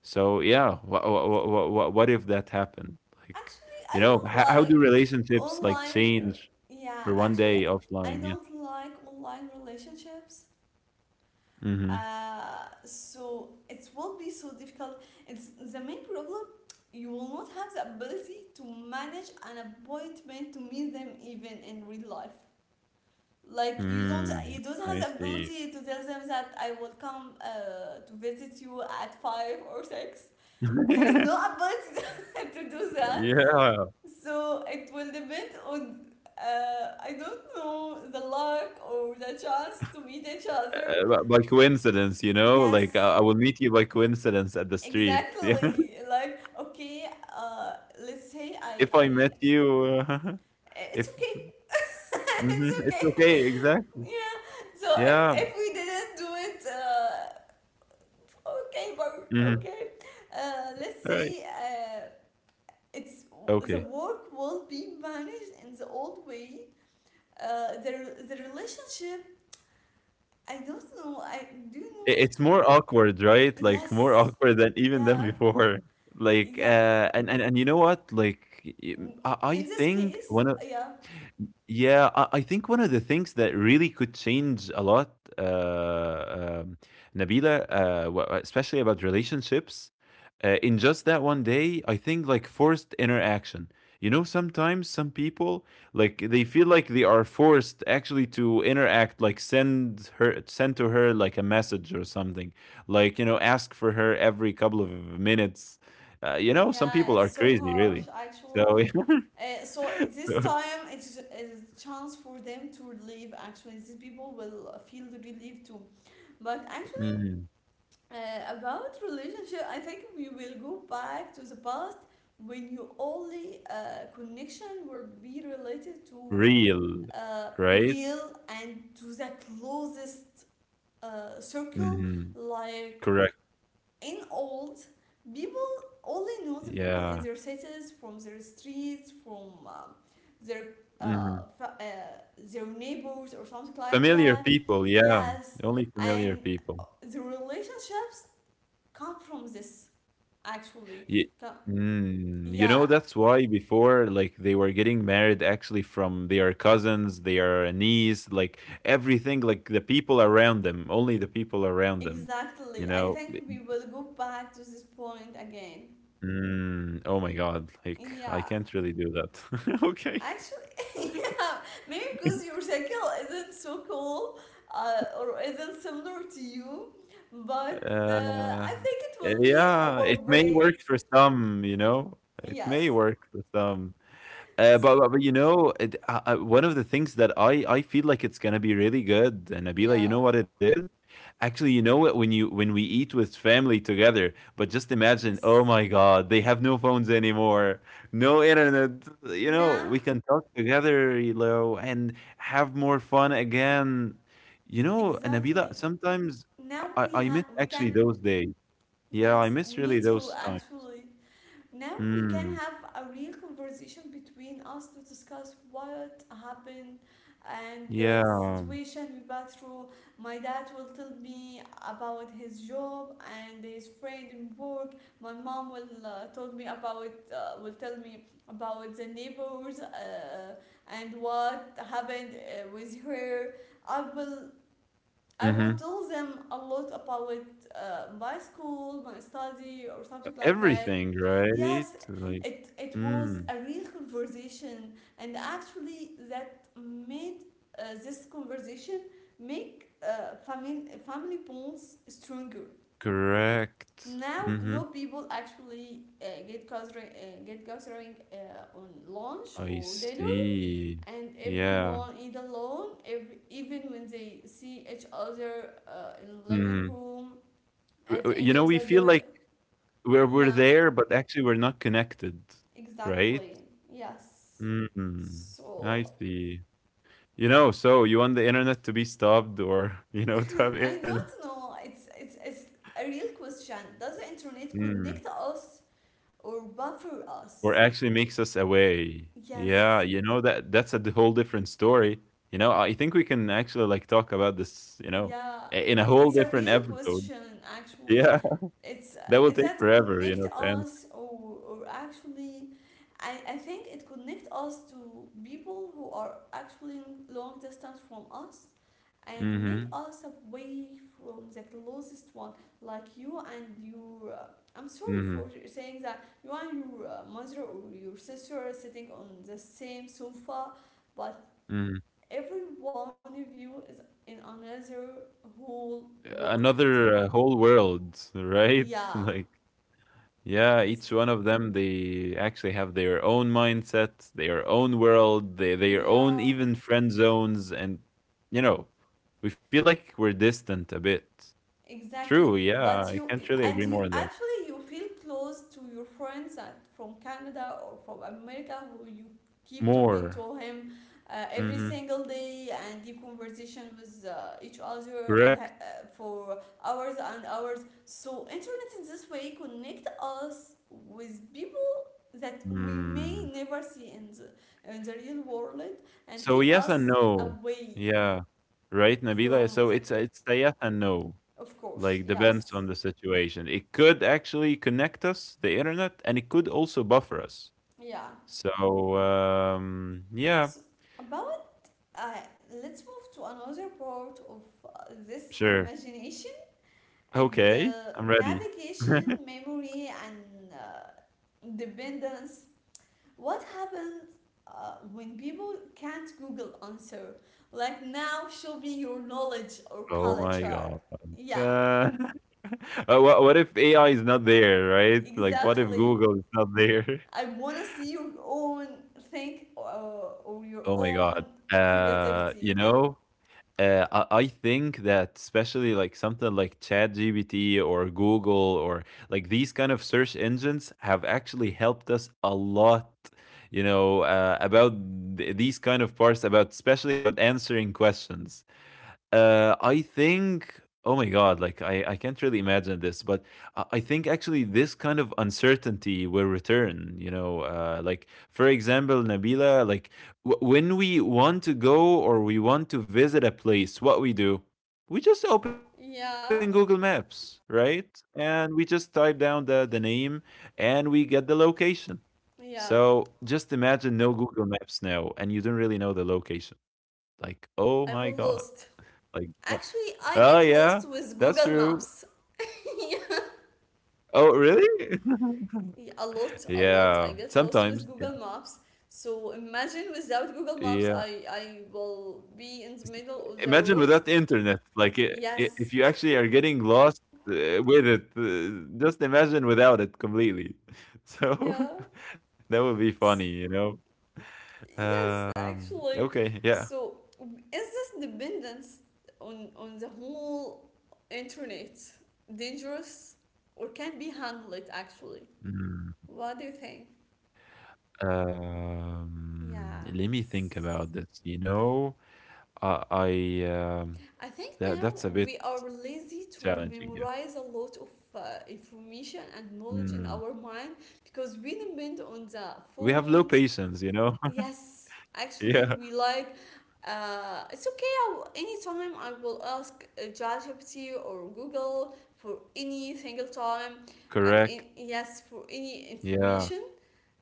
B: So yeah, what if that happened, like
A: Actually, I
B: you know,
A: don't
B: how do
A: like
B: relationships like
A: online.
B: change
A: Yeah,
B: for one
A: actually,
B: day
A: I
B: offline? Yeah.
A: don't like online relationships.
B: Mm-hmm.
A: So it will be so difficult. It's the main problem. You will not have the ability to manage an appointment to meet them even in real life. Like, you don't,
B: Mm,
A: you don't have
B: I
A: the
B: see.
A: ability to tell them that I will come to visit you at five or six. There is no ability to do that.
B: Yeah,
A: So it will depend on, I don't know, the luck or the chance to meet each other.
B: b by coincidence, you know, like,
A: Yes,
B: I will meet you by coincidence at the street. Yeah,
A: exactly. Like, okay, uh, let's say
B: if
A: I
B: I met you, uh,
A: it's
B: if
A: okay. It's
B: mhm, it's
A: okay.
B: okay, exactly.
A: Yeah. So if
B: Yeah,
A: if we didn't do it, okay, but
B: mhm,
A: okay. Let's
B: right,
A: say, it's the
B: okay.
A: work will be managed in the old way. uh, the, the relationship, I don't know. I Do you
B: I
A: know?
B: it's more awkward, right? Like, more
A: Yes.
B: awkward than even than
A: Yeah.
B: before. Like,
A: Yeah.
B: and you know what? Like, y
A: Mm,
B: I
A: in this
B: think
A: case.
B: one of
A: Yeah.
B: Yeah, I think one of the things that really could change a lot, uh, um, Nabila, especially about relationships, in just that one day, I think like forced interaction. You know, sometimes some people like they feel like they are forced actually to interact, like send her, send to her like a message or something, like you know, ask for her every couple of minutes. You know, some
A: Yeah.
B: people
A: It's
B: are
A: so
B: crazy,
A: harsh,
B: really. So,
A: actually. So this
B: so-
A: time it's is a chance for them to relieve. Actually, these people will feel relieved too. But actually,
B: Mm.
A: about relationship, I think we will go back to the past when you only connection will be related to
B: Real, right?
A: real and to the closest circle,
B: Mhm.
A: like
B: Correct.
A: in old, people only know the people in
B: Yeah.
A: their cities, from their streets, from their
B: Mhm.
A: their neighbors or something like
B: Familiar
A: that.
B: people, yeah.
A: Yes.
B: Only familiar
A: And
B: people.
A: the relationships come from this, actually,
B: Ye
A: come,
B: Mm, you
A: yeah,
B: know, that's why before, like, they were getting married actually from their cousins, their niece, like, everything, like, the people around them, only the people around them,
A: exactly.
B: you
A: I
B: know?
A: think
B: B
A: we will go back to this point again.
B: Mm, oh my god, like, I
A: Yeah.
B: can't really do that. Okay.
A: Actually, yeah, maybe because your cycle isn't so cool, or isn't similar to you, but
B: Uh,
A: I think it will be
B: yeah,
A: our
B: it may
A: way.
B: work for some, you know? It may
A: Yes.
B: work for some. Uh,
A: So,
B: but, but but you know, one of the things that I feel like it's gonna be really good, and Nabila, you
A: yeah.
B: know what it is? Actually, you know what? When we eat with family together, but just imagine, oh
A: Yes.
B: my God, they have no phones anymore, no internet. You know,
A: Now,
B: we can talk together, you know, and have more fun again. You know, and
A: exactly.
B: Nabila, sometimes
A: Now
B: I I miss
A: we can.
B: actually those days. Yeah, I
A: Yes,
B: miss really
A: me too.
B: those times.
A: Actually, now we can
B: Mm,
A: have a real conversation between us to discuss what happened and the
B: yeah.
A: situation we passed through. My dad will tell me about his job and his friend in work. My mom will tell me about the neighbors and what happened with her. I will I
B: Hmm.
A: would tell them a lot about my school, my study, or something like that.
B: Everything, right?
A: Yes,
B: Like
A: it was
B: mm,
A: a real conversation, and actually, that made this conversation make family bonds stronger.
B: correct.
A: Now,
B: Mhm.
A: no people actually get gathering on lunch
B: I
A: or dinner,
B: see.
A: and
B: Yeah.
A: everyone is alone. Even when they see each other in the living
B: Mhm.
A: room
B: W
A: at the
B: you
A: end
B: know,
A: of
B: we
A: the
B: feel
A: day.
B: like we're
A: Yeah,
B: there, but actually we're not connected, right?
A: exactly. Yes.
B: Mm. I
A: So.
B: see. You know, so you want the internet to be stopped or, you know, to have
A: I
B: internet.
A: don't know, it's a real question. Does the internet
B: Mm.
A: connect us or buffer
B: Or
A: us?
B: actually makes us away. Yeah,
A: Yes.
B: you know that that's a d- whole different story. You know, I think we can actually like talk about this, you know,
A: Yeah,
B: I- in a whole
A: it's a
B: different
A: real
B: episode.
A: question, actually.
B: Yeah,
A: It's
B: that will take
A: that
B: forever, you
A: connect
B: know, to answer.
A: us, or actually... I think it connect us to people who are actually long distance from us, and make
B: Mm-hmm.
A: us away from the closest one, like you and your I'm sorry
B: Mm-hmm.
A: for saying that, you and your mother or your sister are sitting on the same sofa, but
B: Mm.
A: every one of you is in another whole world.
B: Another whole world, right?
A: Yeah,
B: Like,
A: it's...
B: yeah, each one of them, they actually have their own mindset, their own world, they, their
A: Yeah,
B: own even friend zones, and you know, we feel like we're distant a bit.
A: exactly.
B: True,
A: But
B: yeah, I can't really
A: and
B: agree
A: you
B: more on that.
A: actually you feel close to your friends that from Canada or from America, who you keep talking to
B: More.
A: him every
B: Mhm.
A: single day and keep conversation with each other and
B: Correct.
A: for hours and hours. So internet in this way connect us with people that we
B: Mm.
A: may never see in the real world, and
B: So
A: keep
B: yes and
A: us
B: no.
A: away
B: Yeah. Right, Nabila?
A: from
B: So
A: the...
B: it's a yes and no.
A: Of
B: Like,
A: course,
B: depends on
A: yes.
B: the situation. It could actually connect us, the internet, and it could also buffer us.
A: Yeah.
B: So, yeah,
A: So, about uh, let's move to another part of this
B: sure.
A: imagination and
B: Okay, I'm ready.
A: navigation, memory, and dependence. What happens when people can't Google answer? Like, now show me your knowledge or
B: Oh my
A: culture.
B: God.
A: Yeah,
B: Uh, what if AI is not there, right? Like, what if
A: exactly.
B: Google is not there?
A: I want to see your own thing, or your
B: Oh my
A: own
B: god. You
A: creativity.
B: know, I think that especially like something like ChatGPT or Google or like these kind of search engines have actually helped us a lot. You know, about these kind of parts, about especially about answering questions. I think. Oh my God! Like I can't really imagine this, but I think actually this kind of uncertainty will return. You know, like for example, Nabila, like when we want to go or we want to visit a place, what we do? We just open Google
A: Yeah,
B: Maps, right? And we just type down the name, and we get the location. So
A: yeah.
B: just imagine no Google Maps now, and you don't really know the location. Like, oh
A: I
B: my
A: will
B: God!
A: lost.
B: Like
A: Actually, I
B: oh
A: get
B: yeah,
A: lost with
B: that's
A: Google
B: true.
A: Maps.
B: Oh really?
A: Yeah, a lot, a lot. I
B: Yeah,
A: get lost with
B: sometimes. Yeah.
A: Google Maps. So imagine without Google Maps,
B: Yeah.
A: I will be in the middle of the
B: Imagine
A: road.
B: without internet, like I if
A: Yes.
B: you actually are getting lost, with it, just imagine without it completely. So
A: Yeah.
B: that would be funny, you know?
A: Yes, actually.
B: Okay, yeah.
A: So, is this dependence on the whole internet dangerous, or can be handled actually?
B: Mm,
A: What do you think? Yeah.
B: let me think about this, you know? I I, um,
A: I think
B: that
A: now
B: that's a bit
A: we are lazy to
B: challenging, yeah.
A: memorize a lot of information and knowledge in our
B: Mm.
A: mind because we depend on the
B: We have low
A: phones.
B: patience, you know?
A: Yes, actually,
B: Yeah,
A: we like. It's okay. I will, anytime I will ask ChatGPT or Google for any single time
B: correct.
A: yes, for any information.
B: Yeah.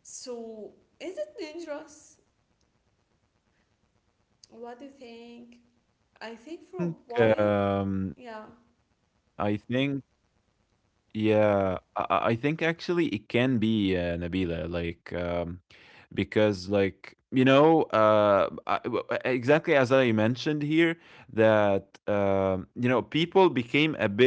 A: So is it dangerous? What do you think? I think for a
B: Think,
A: while,
B: I
A: yeah,
B: think, yeah, I think actually it can be Nabila. Like, because like you know exactly as I mentioned here that you know people became a bit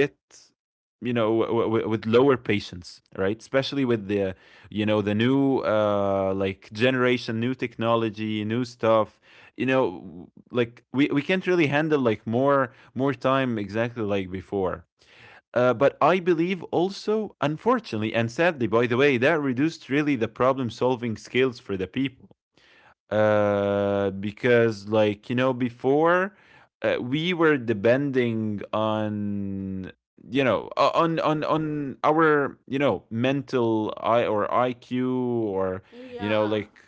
B: you know with lower patience, right? Especially with the you know the new like generation, new technology, new stuff. You know, like we can't really handle like more time exactly like before. But I believe also, unfortunately and sadly, by the way, that reduced really the problem solving skills for the people. Because like you know before, we were depending on you know on our you know mental I or iq or you know
A: yeah.
B: like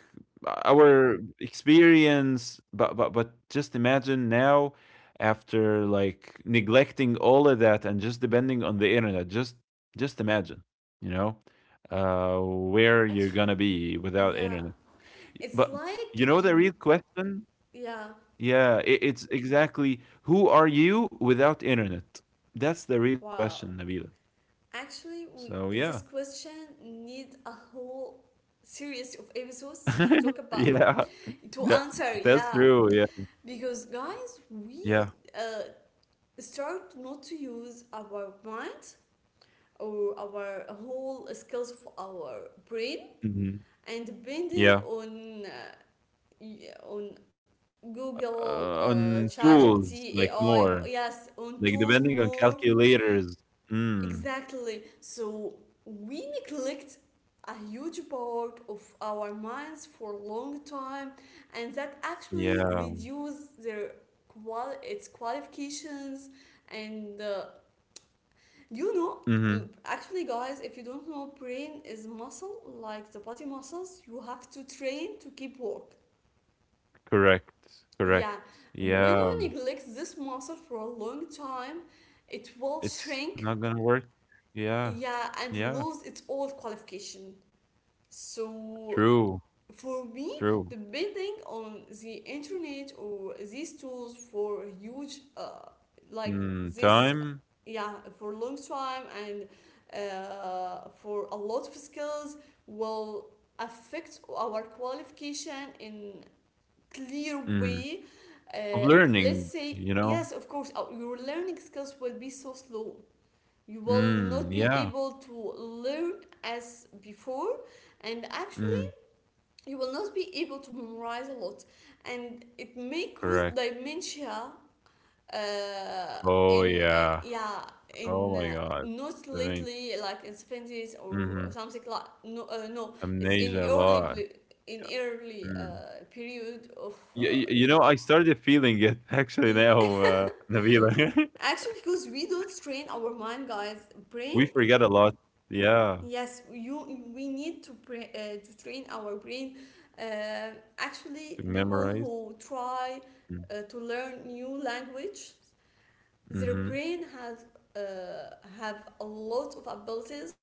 B: our experience, but just imagine now after like neglecting all of that and just depending on the internet, just imagine, you know, where you're
A: Actually,
B: gonna be without
A: yeah.
B: internet.
A: It's
B: But
A: like
B: you know the
A: you,
B: real question?
A: yeah.
B: Yeah, it, it's exactly who are you without internet? That's the real
A: Wow.
B: question, Nabila.
A: Actually,
B: So yeah,
A: this question needs a whole series of episodes to talk about,
B: yeah,
A: to
B: that
A: answer,
B: that's
A: yeah.
B: true. Yeah,
A: Because, guys, we
B: yeah,
A: uh, start not to use our mind or our whole skills of our brain,
B: hmm
A: and depending
B: yeah.
A: on on Google,
B: On tools
A: ChatGPT,
B: like
A: AI,
B: more,
A: yes, on
B: like
A: tools
B: depending on
A: more.
B: calculators. Mm,
A: Exactly. So we neglect a huge part of our minds for a long time, and that actually
B: yeah.
A: reduce their qual its qualifications. And you know,
B: Hmm.
A: actually, guys, if you don't know, brain is muscle, like the body muscles. You have to train to keep work.
B: Correct. Correct.
A: Yeah, when
B: Yeah,
A: you neglect this muscle for a long time, it will
B: it's not
A: shrink.
B: gonna work. Yeah.
A: Yeah, and
B: Yeah.
A: lose its old qualification. So
B: True.
A: for me,
B: True.
A: depending on the internet or these tools for huge, like
B: Mm,
A: this,
B: time.
A: yeah, for long time and for a lot of skills will affect our qualification in clear
B: Mm.
A: way.
B: Of
A: Uh, let's
B: learning,
A: say
B: you know?
A: yes, of course, your learning skills will be so slow. You will
B: Mm,
A: not be
B: yeah.
A: able to learn as before, and actually
B: Mhm.
A: you will not be able to memorize a lot, and it may cause
B: Correct.
A: dementia uh,
B: Oh,
A: in
B: yeah.
A: yeah
B: Oh
A: in
B: my god.
A: not
B: I mean
A: lately like in 70s or
B: mhm.
A: something, like no no, it's in
B: Amnesia a lot.
A: in early
B: Mm.
A: period of
B: Y you know, I started feeling it actually now, Nabila.
A: actually because we don't train our mind, guys,
B: We
A: brain.
B: forget a lot. Yeah.
A: Yes, you we need to to train our brain. Uh, actually,
B: To
A: people
B: memorize.
A: who try
B: Mm.
A: to learn new language, their
B: Mhm.
A: brain has have a lot of abilities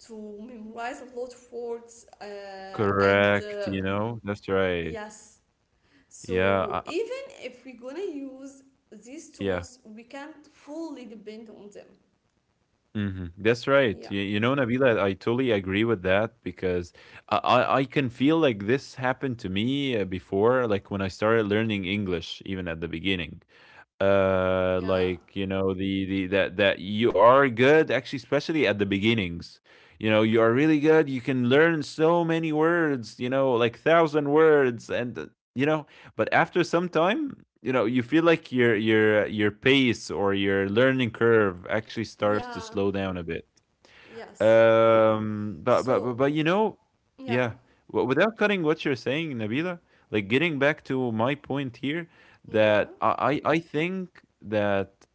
A: to memorize a lot of words, and
B: Correct, you know? That's right.
A: yes.
B: Yeah,
A: So even if we're gonna use these
B: yeah.
A: tools, we can't fully depend on them.
B: Mhm. That's right.
A: Yeah,
B: You know, Nabila, I totally agree with that because I can feel like this happened to me before, like when I started learning English, even at the beginning
A: yeah,
B: like you know the that that you are good actually especially at the beginnings, you know you are really good, you can learn so many words, you know, like thousand words and you know, but after some time you know you feel like your pace or your learning curve actually starts to
A: yeah,
B: slow down a bit.
A: yes.
B: But
A: So
B: you know,
A: yeah.
B: yeah. Without cutting what you're saying, Nabila, like getting back to my point here,
A: Yeah,
B: that I think that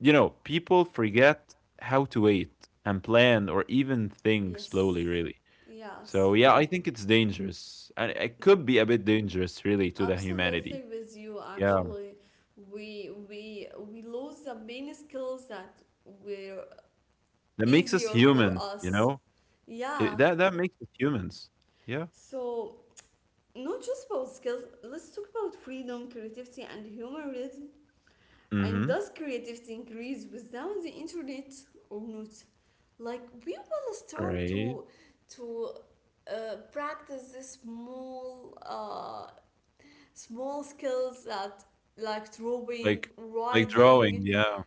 B: you know people forget how to wait and plan or even think slowly,
A: yes,
B: really. So
A: yes,
B: yeah, I think it's dangerous, and it could be a bit dangerous, really, to the humanity.
A: absolutely with you.
B: Yeah,
A: Actually, we lose the main skills that were
B: that makes us
A: easier for
B: human. You
A: us.
B: know,
A: Yeah,
B: it, that that makes us humans. Yeah.
A: so not just about skills. Let's talk about freedom, creativity, and human rhythm. And
B: Mm-hmm.
A: does creativity increase without the internet or not? Like we will start
B: Right.
A: to to practice this small small skills, that like drawing,
B: Like like drawing,
A: riding,
B: yeah.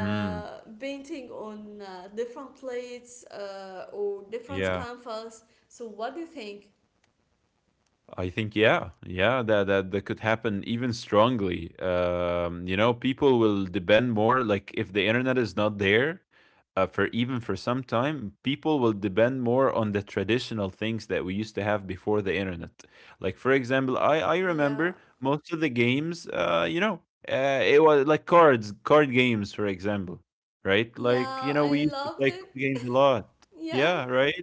B: Mm,
A: painting on different plates or different
B: yeah.
A: canvas. So what do you think?
B: I think yeah, yeah, that that that could happen even strongly. You know, people will depend more, like if the internet is not there, for even for some time, people will depend more on the traditional things that we used to have before the internet. Like for example, I
A: Yeah,
B: remember most of the games, you know, it was like cards, card games, for example, right? Like you
A: yeah,
B: know, we
A: I
B: used to play
A: loved
B: card
A: it.
B: games a lot.
A: Yeah.
B: Yeah, right.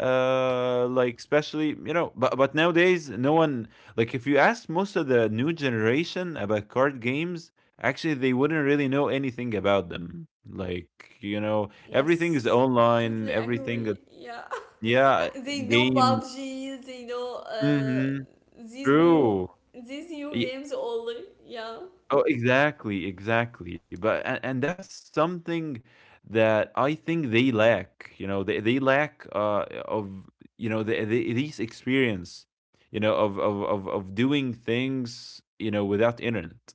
B: Like especially you know, but nowadays no one, like if you ask most of the new generation about card games, actually they wouldn't really know anything about them, like you know everything is
A: Yes,
B: online,
A: totally
B: everything that
A: agree. Yeah.
B: yeah
A: They know
B: game
A: PUBG, they know
B: hmm
A: these new
B: true.
A: these new games only. Yeah.
B: Oh, exactly, exactly. But and that's something that I think they lack. You know, they lack of you know the these experience. You know, of doing things. You know, without internet.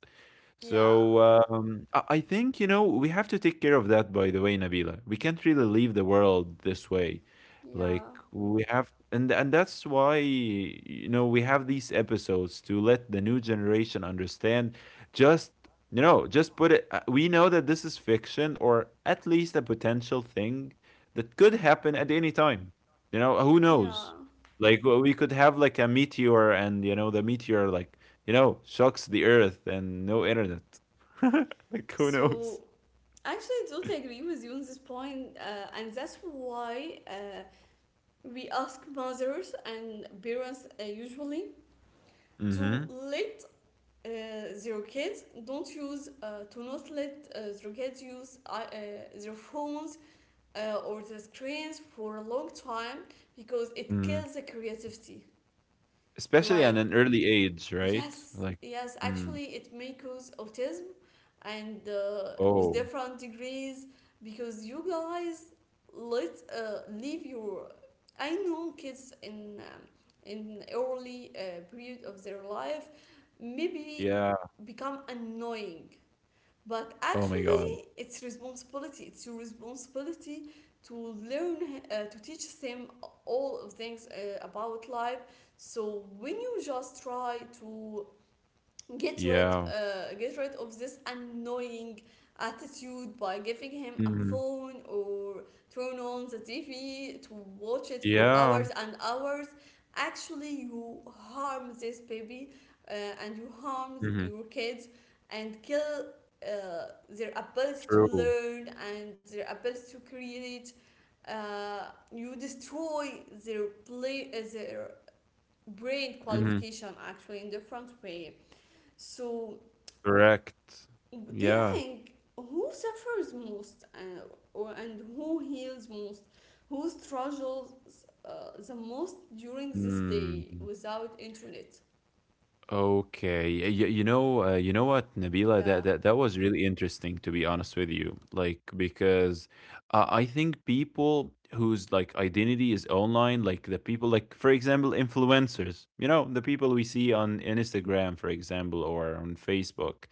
A: Yeah.
B: So I think you know we have to take care of that. By the way, Nabila, we can't really leave the world this way.
A: Yeah.
B: Like we have, and that's why we have these episodes to let the new generation understand just just put it we know that this is fiction or at least a potential thing that could happen at any time. Who
A: Yeah.
B: knows? Like we could have like a meteor, and the meteor like shocks the earth and no internet. Like who
A: So
B: knows?
A: actually, I totally agree with you on this point, and that's why we ask mothers and parents usually to
B: Mm-hmm.
A: let their kids don't use to not let their kids use their phones or the screens for a long time, because it
B: Mm.
A: kills the creativity.
B: Especially at
A: Like
B: an early age, right?
A: yes,
B: Like,
A: yes,
B: mm.
A: actually, it may cause autism, and with
B: Oh,
A: different degrees, because you guys let leave your. I know kids in early period of their life maybe
B: yeah.
A: become annoying, but
B: Oh my god.
A: actually, it's responsibility. It's your responsibility to learn to teach them all of things about life. So when you just try to
B: Yeah.
A: get rid of this annoying attitude by giving him a
B: Hmm.
A: phone, or turn on the TV to watch it for
B: Yeah.
A: hours and hours, actually you harm this baby, uh, and you harm
B: Hmm.
A: your kids, and kill their ability to
B: True.
A: learn and their ability to create, uh, you destroy their play their brain
B: Hmm.
A: qualification actually in different way. So,
B: Correct.
A: do you
B: Yeah.
A: think who suffers most, or, and who heals most? Who struggles the most during this
B: Hmm.
A: day without internet?
B: Okay. You know what, Nabila, that,
A: Yeah,
B: that that was really interesting to be honest with you. Like because I think people whose like identity is online, like the people like for example influencers, you know, the people we see on Instagram, for example, or on Facebook,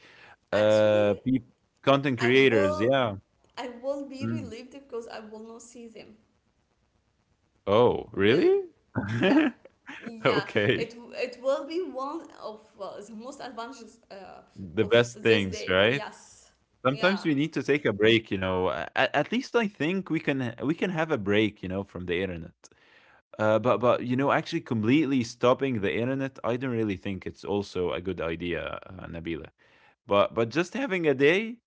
A: actually,
B: peop content
A: I
B: creators.
A: will
B: Yeah.
A: I will be
B: Mm.
A: relieved, because I will not see them.
B: Oh,
A: Really,
B: really?
A: yeah. Yeah,
B: Okay.
A: it will be one of the most advantages
B: The
A: of
B: best things,
A: this
B: right?
A: day. Yes.
B: Sometimes we
A: Yeah.
B: need to take a break. At least I think we can have a break from the internet. But actually completely stopping the internet, I don't really think it's also a good idea, Nabila. But just having a day,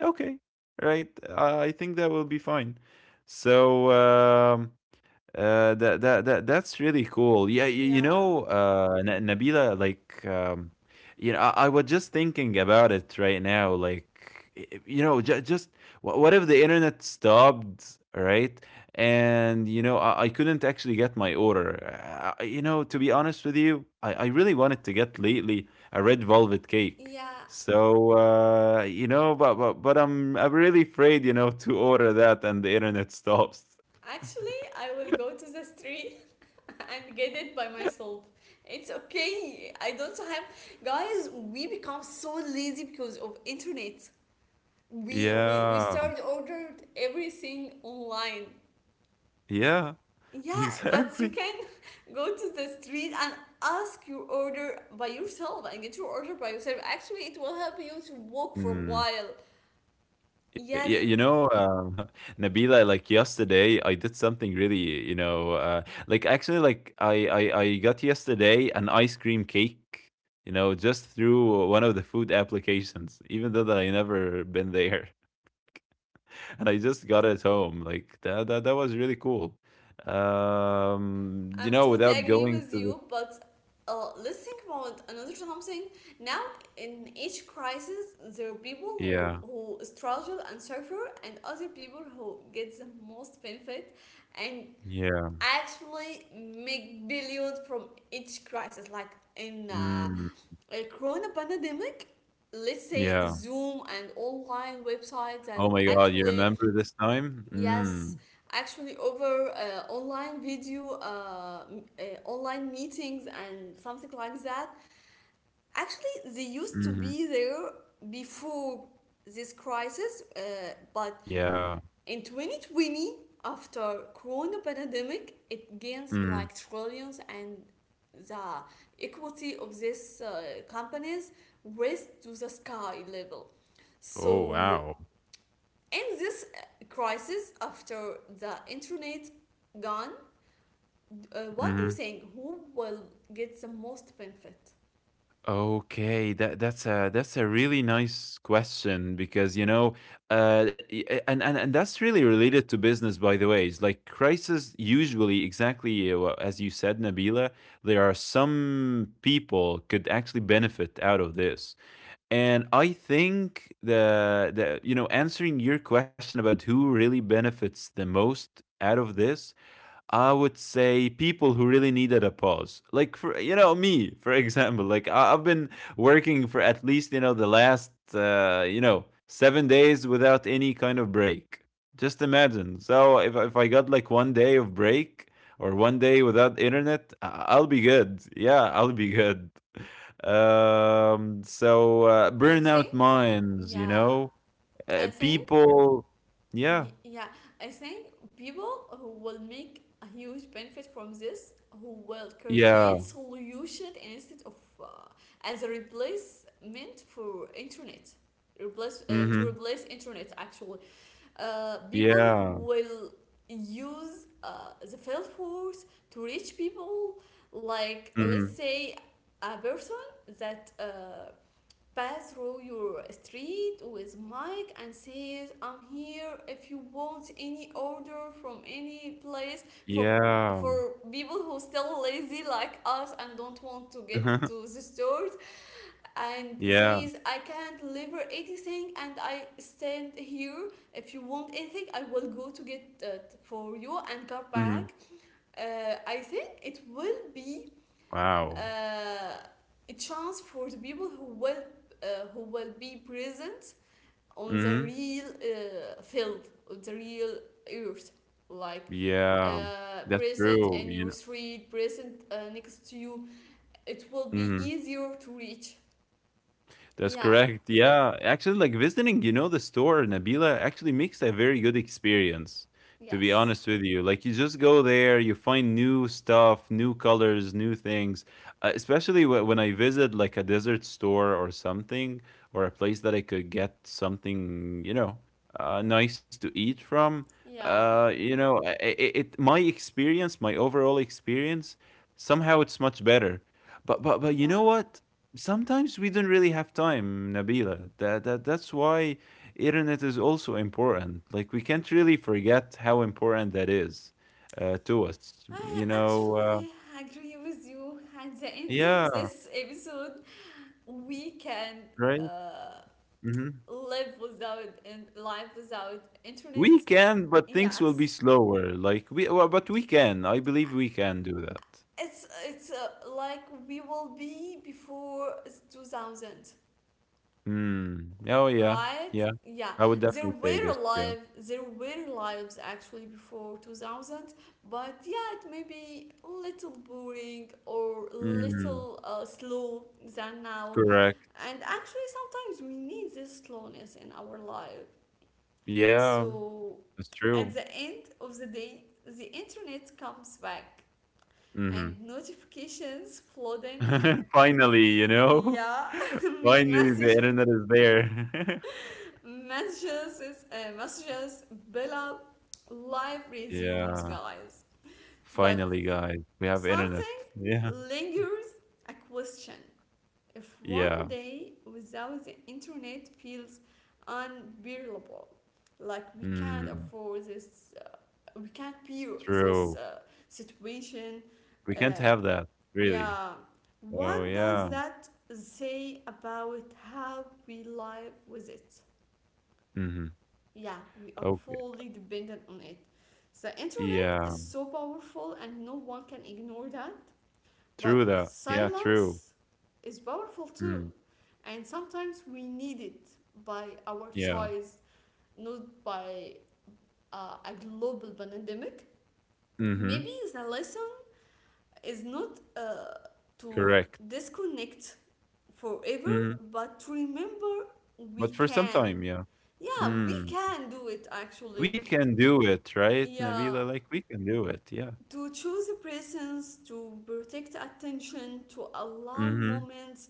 B: okay, right? I think that will be fine. So that's really cool. Yeah,
A: Yeah.
B: Nabila, like, I was just thinking about it right now. Like, what if the internet stopped, right? And I couldn't actually get my order. To be honest with you, I really wanted to get lately a red velvet cake.
A: Yeah.
B: So you know, but I'm really afraid, to order that and the internet stops.
A: Actually, I will go to the street and get it by myself. It's okay. I don't have, guys. We become so lazy because of internet. We
B: Yeah.
A: start ordered everything online.
B: Yeah,
A: Yeah, but you
B: exactly.
A: can go to the street and ask your order by yourself and get your order by yourself. Actually, it will help you to walk for a
B: Mm.
A: while.
B: Y y
A: Yes,
B: you know, uh, Nabila, like yesterday, I did something really, like actually, like I got yesterday an ice cream cake, just through one of the food applications, even though that I never been there, and I just got it home. Like that was really cool. Um, you
A: I'm
B: know,
A: totally
B: without
A: agree
B: going
A: with
B: to the,
A: you, but let's think about another something. Now, in each crisis, there are people
B: yeah,
A: who struggle and suffer, and other people who get the most benefit and
B: yeah,
A: actually make billions from each crisis. Like in
B: mm,
A: a corona pandemic, let's say
B: yeah.
A: Zoom and online websites
B: Oh
A: that
B: my God, you
A: actually,
B: remember this time? Mm.
A: yes, actually, over online video, online meetings, and something like that. Actually, they used to
B: Mhm.
A: be there before this crisis, but
B: Yeah.
A: in 2020, after Corona pandemic, it gains
B: Mm.
A: like trillions, and the equity of these companies raised to the sky level.
B: Oh,
A: So
B: wow.
A: in this crisis, after the internet gone, what do you
B: Mhm.
A: think? Who will get the most benefit?
B: Okay, that's a really nice question because and that's really related to business, by the way. It's like crisis usually exactly as you said, Nabila. There are some people could actually benefit out of this, and I think the answering your question about who really benefits the most out of this, I would say people who really needed a pause. Like for me, for example, like I've been working for at least the last 7 days without any kind of break. Just imagine. So if I got like one day of break or one day without internet, I'll be good. Yeah, I'll be good. So
A: I
B: burnout
A: think,
B: minds,
A: yeah, I think,
B: people. Yeah,
A: y- yeah, I think people who will make a huge benefit from this, who will create
B: yeah,
A: solution instead of uh, as a replacement for internet, replace to
B: mm-hmm,
A: replace internet, actually, people
B: yeah.
A: who will use the field force to reach people, like let's
B: Mm-hmm.
A: say a person that pass through your street with mic and says I'm here if you want any order from any place, for
B: Yeah.
A: for people who still lazy like us and don't want to get to the stores, and there
B: Yeah.
A: is I can't deliver anything and I stand here, if you want anything I will go to get it for you and come
B: Mhm.
A: back. I think it will be
B: Wow.
A: uh, a chance for the people who will be present on the
B: Mhm.
A: real field, on the real earth, like
B: Yeah. That's
A: present
B: true,
A: in
B: you
A: your
B: know
A: street, present next to you, it will be
B: Mhm.
A: easier to reach.
B: That's
A: Yeah,
B: correct. Yeah, actually, like visiting, the store, Nabila, actually makes a very good experience. To be
A: yes.
B: honest with you, like you just go there, you find new stuff, new colors, new things. Especially when I visit like a desert store or something, or a place that I could get something, nice to eat from.
A: Yeah,
B: You know, it My experience, my overall experience, somehow it's much better. But you know
A: yeah.
B: what? Sometimes we don't really have time, Nabila. That's why internet is also important. Like we can't really forget how important that is to us.
A: I
B: You know, uh,
A: actually agree with you. At the end of
B: yeah,
A: this episode, we can
B: right.
A: uh,
B: Hmm.
A: live without, and live without
B: We
A: internet.
B: can, but things will be
A: Yes,
B: slower. Like well, but we can. I believe we can do that.
A: it's like we will be before 2000.
B: Hmm. Oh yeah,
A: Right,
B: yeah.
A: yeah,
B: I would
A: there
B: definitely say
A: were
B: this. Yeah.
A: alive, there were lives actually before 2000, but yeah, it may be a little boring or
B: Mm,
A: little slow than now,
B: correct.
A: and actually sometimes we need this slowness in our life.
B: Yeah,
A: So
B: that's true.
A: at the end of the day, the internet comes back and
B: Hmm.
A: notifications flooding,
B: Finally, you know?
A: yeah,
B: Finally, the
A: message.
B: internet is there.
A: Messages, Bella, life resumes,
B: Yeah.
A: guys. But
B: Finally, guys, we have internet.
A: something
B: Yeah.
A: lingers, a question: if one
B: Yeah.
A: day without the internet feels unbearable, like we can't
B: Mm,
A: afford this we can't bear this
B: true.
A: situation,
B: We
A: uh,
B: can't have that, really.
A: yeah,
B: Oh,
A: what does
B: yeah.
A: that say about how we live with it?
B: Mm-hmm.
A: Yeah, we are
B: Okay.
A: fully dependent on it. The internet
B: Yeah.
A: is so powerful and no one can ignore that,
B: True
A: but
B: that. Yeah, true.
A: silence is powerful too.
B: Mm,
A: And sometimes we need it by our
B: yeah.
A: choice, not by a global pandemic.
B: Mm-hmm.
A: Maybe the lesson is not to
B: Correct.
A: disconnect forever,
B: Mm-hmm.
A: but to remember we
B: But for some
A: can.
B: time, yeah.
A: Yeah, we
B: Mm.
A: can do it
B: We
A: actually.
B: can do it, right,
A: Yeah,
B: Nabila? Like, we can do it. Yeah.
A: to choose presence, to protect attention, to allow
B: Mm-hmm.
A: moments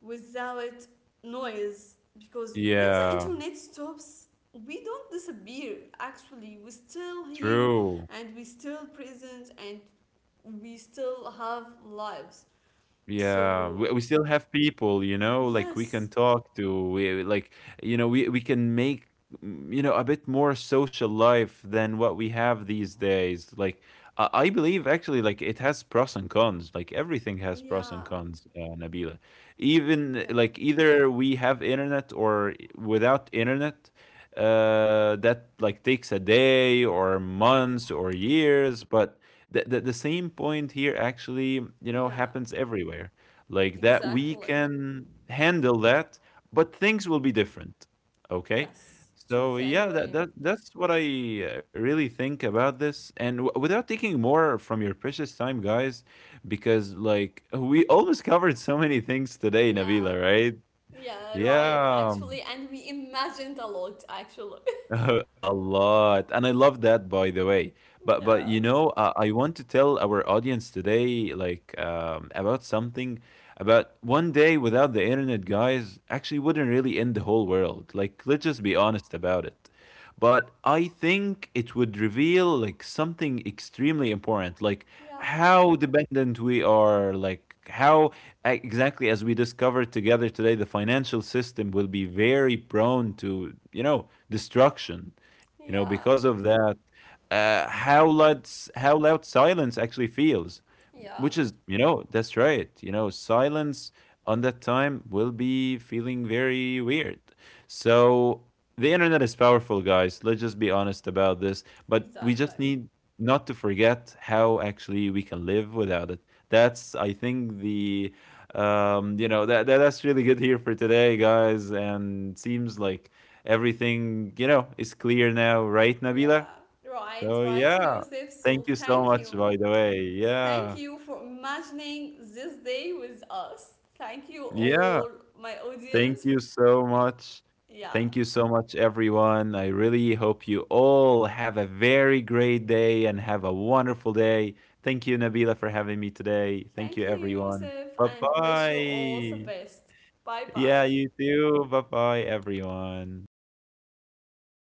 A: without noise, because when the
B: Yeah.
A: internet stops we don't disappear, actually, we still here,
B: True.
A: and we still present, and we still have lives,
B: Yeah,
A: so
B: we still have people, like we
A: yes,
B: can talk to, we like, we can make, a bit more social life than what we have these days. Like, I believe actually, like, it has pros and cons. Like, everything has pros
A: yeah,
B: and cons, Nabila.
A: yeah,
B: Even like either we have internet or without internet, that like takes a day or months or years, but the same point here actually
A: yeah,
B: happens everywhere, like that we
A: exactly,
B: can handle that, but things will be different, okay.
A: yes, totally
B: So yeah,
A: agree,
B: that's what I really think about this, and without taking more from your precious time, guys, because like we almost covered so many things today,
A: yeah.
B: Nabila, right?
A: Yeah, right,
B: yeah
A: actually.
B: um,
A: And we imagined a lot, actually.
B: oh, a lot, and I love that, by the way. But
A: Yeah,
B: I want to tell our audience today, like about something, about one day without the internet, guys. Actually wouldn't really end the whole world, like let's just be honest about it. But I think it would reveal like something extremely important, like
A: yeah,
B: how dependent we are, like how, exactly as we discovered together today, the financial system will be very prone to, destruction,
A: yeah,
B: because of that. How loud silence actually feels.
A: yeah,
B: Which is, that's right. Silence on that time will be feeling very weird. So the internet is powerful, guys. Let's just be honest about this. But we
A: exactly.
B: just need not to forget how actually we can live without it. That's, I think, the, That's really good here for today, guys. And seems like everything, is clear now, right, Nabila?
A: Yeah, right,
B: So
A: right,
B: yeah.
A: Yusuf. So
B: Thank you so
A: thank you.
B: much, by the way.
A: Thank
B: Yeah.
A: you for imagining this day with us. Thank you,
B: Yeah,
A: all my
B: thank
A: audience.
B: you so much.
A: Yeah,
B: Thank you so much, everyone. I really hope you all have a very great day and have a wonderful day. Thank you, Nabila, for having me today. Thank
A: thank
B: you,
A: you,
B: everyone.
A: Yusuf,
B: Bye
A: and wish you all the
B: bye.
A: best. Bye
B: Yeah, you
A: bye.
B: too. Bye bye, everyone. Bye bye.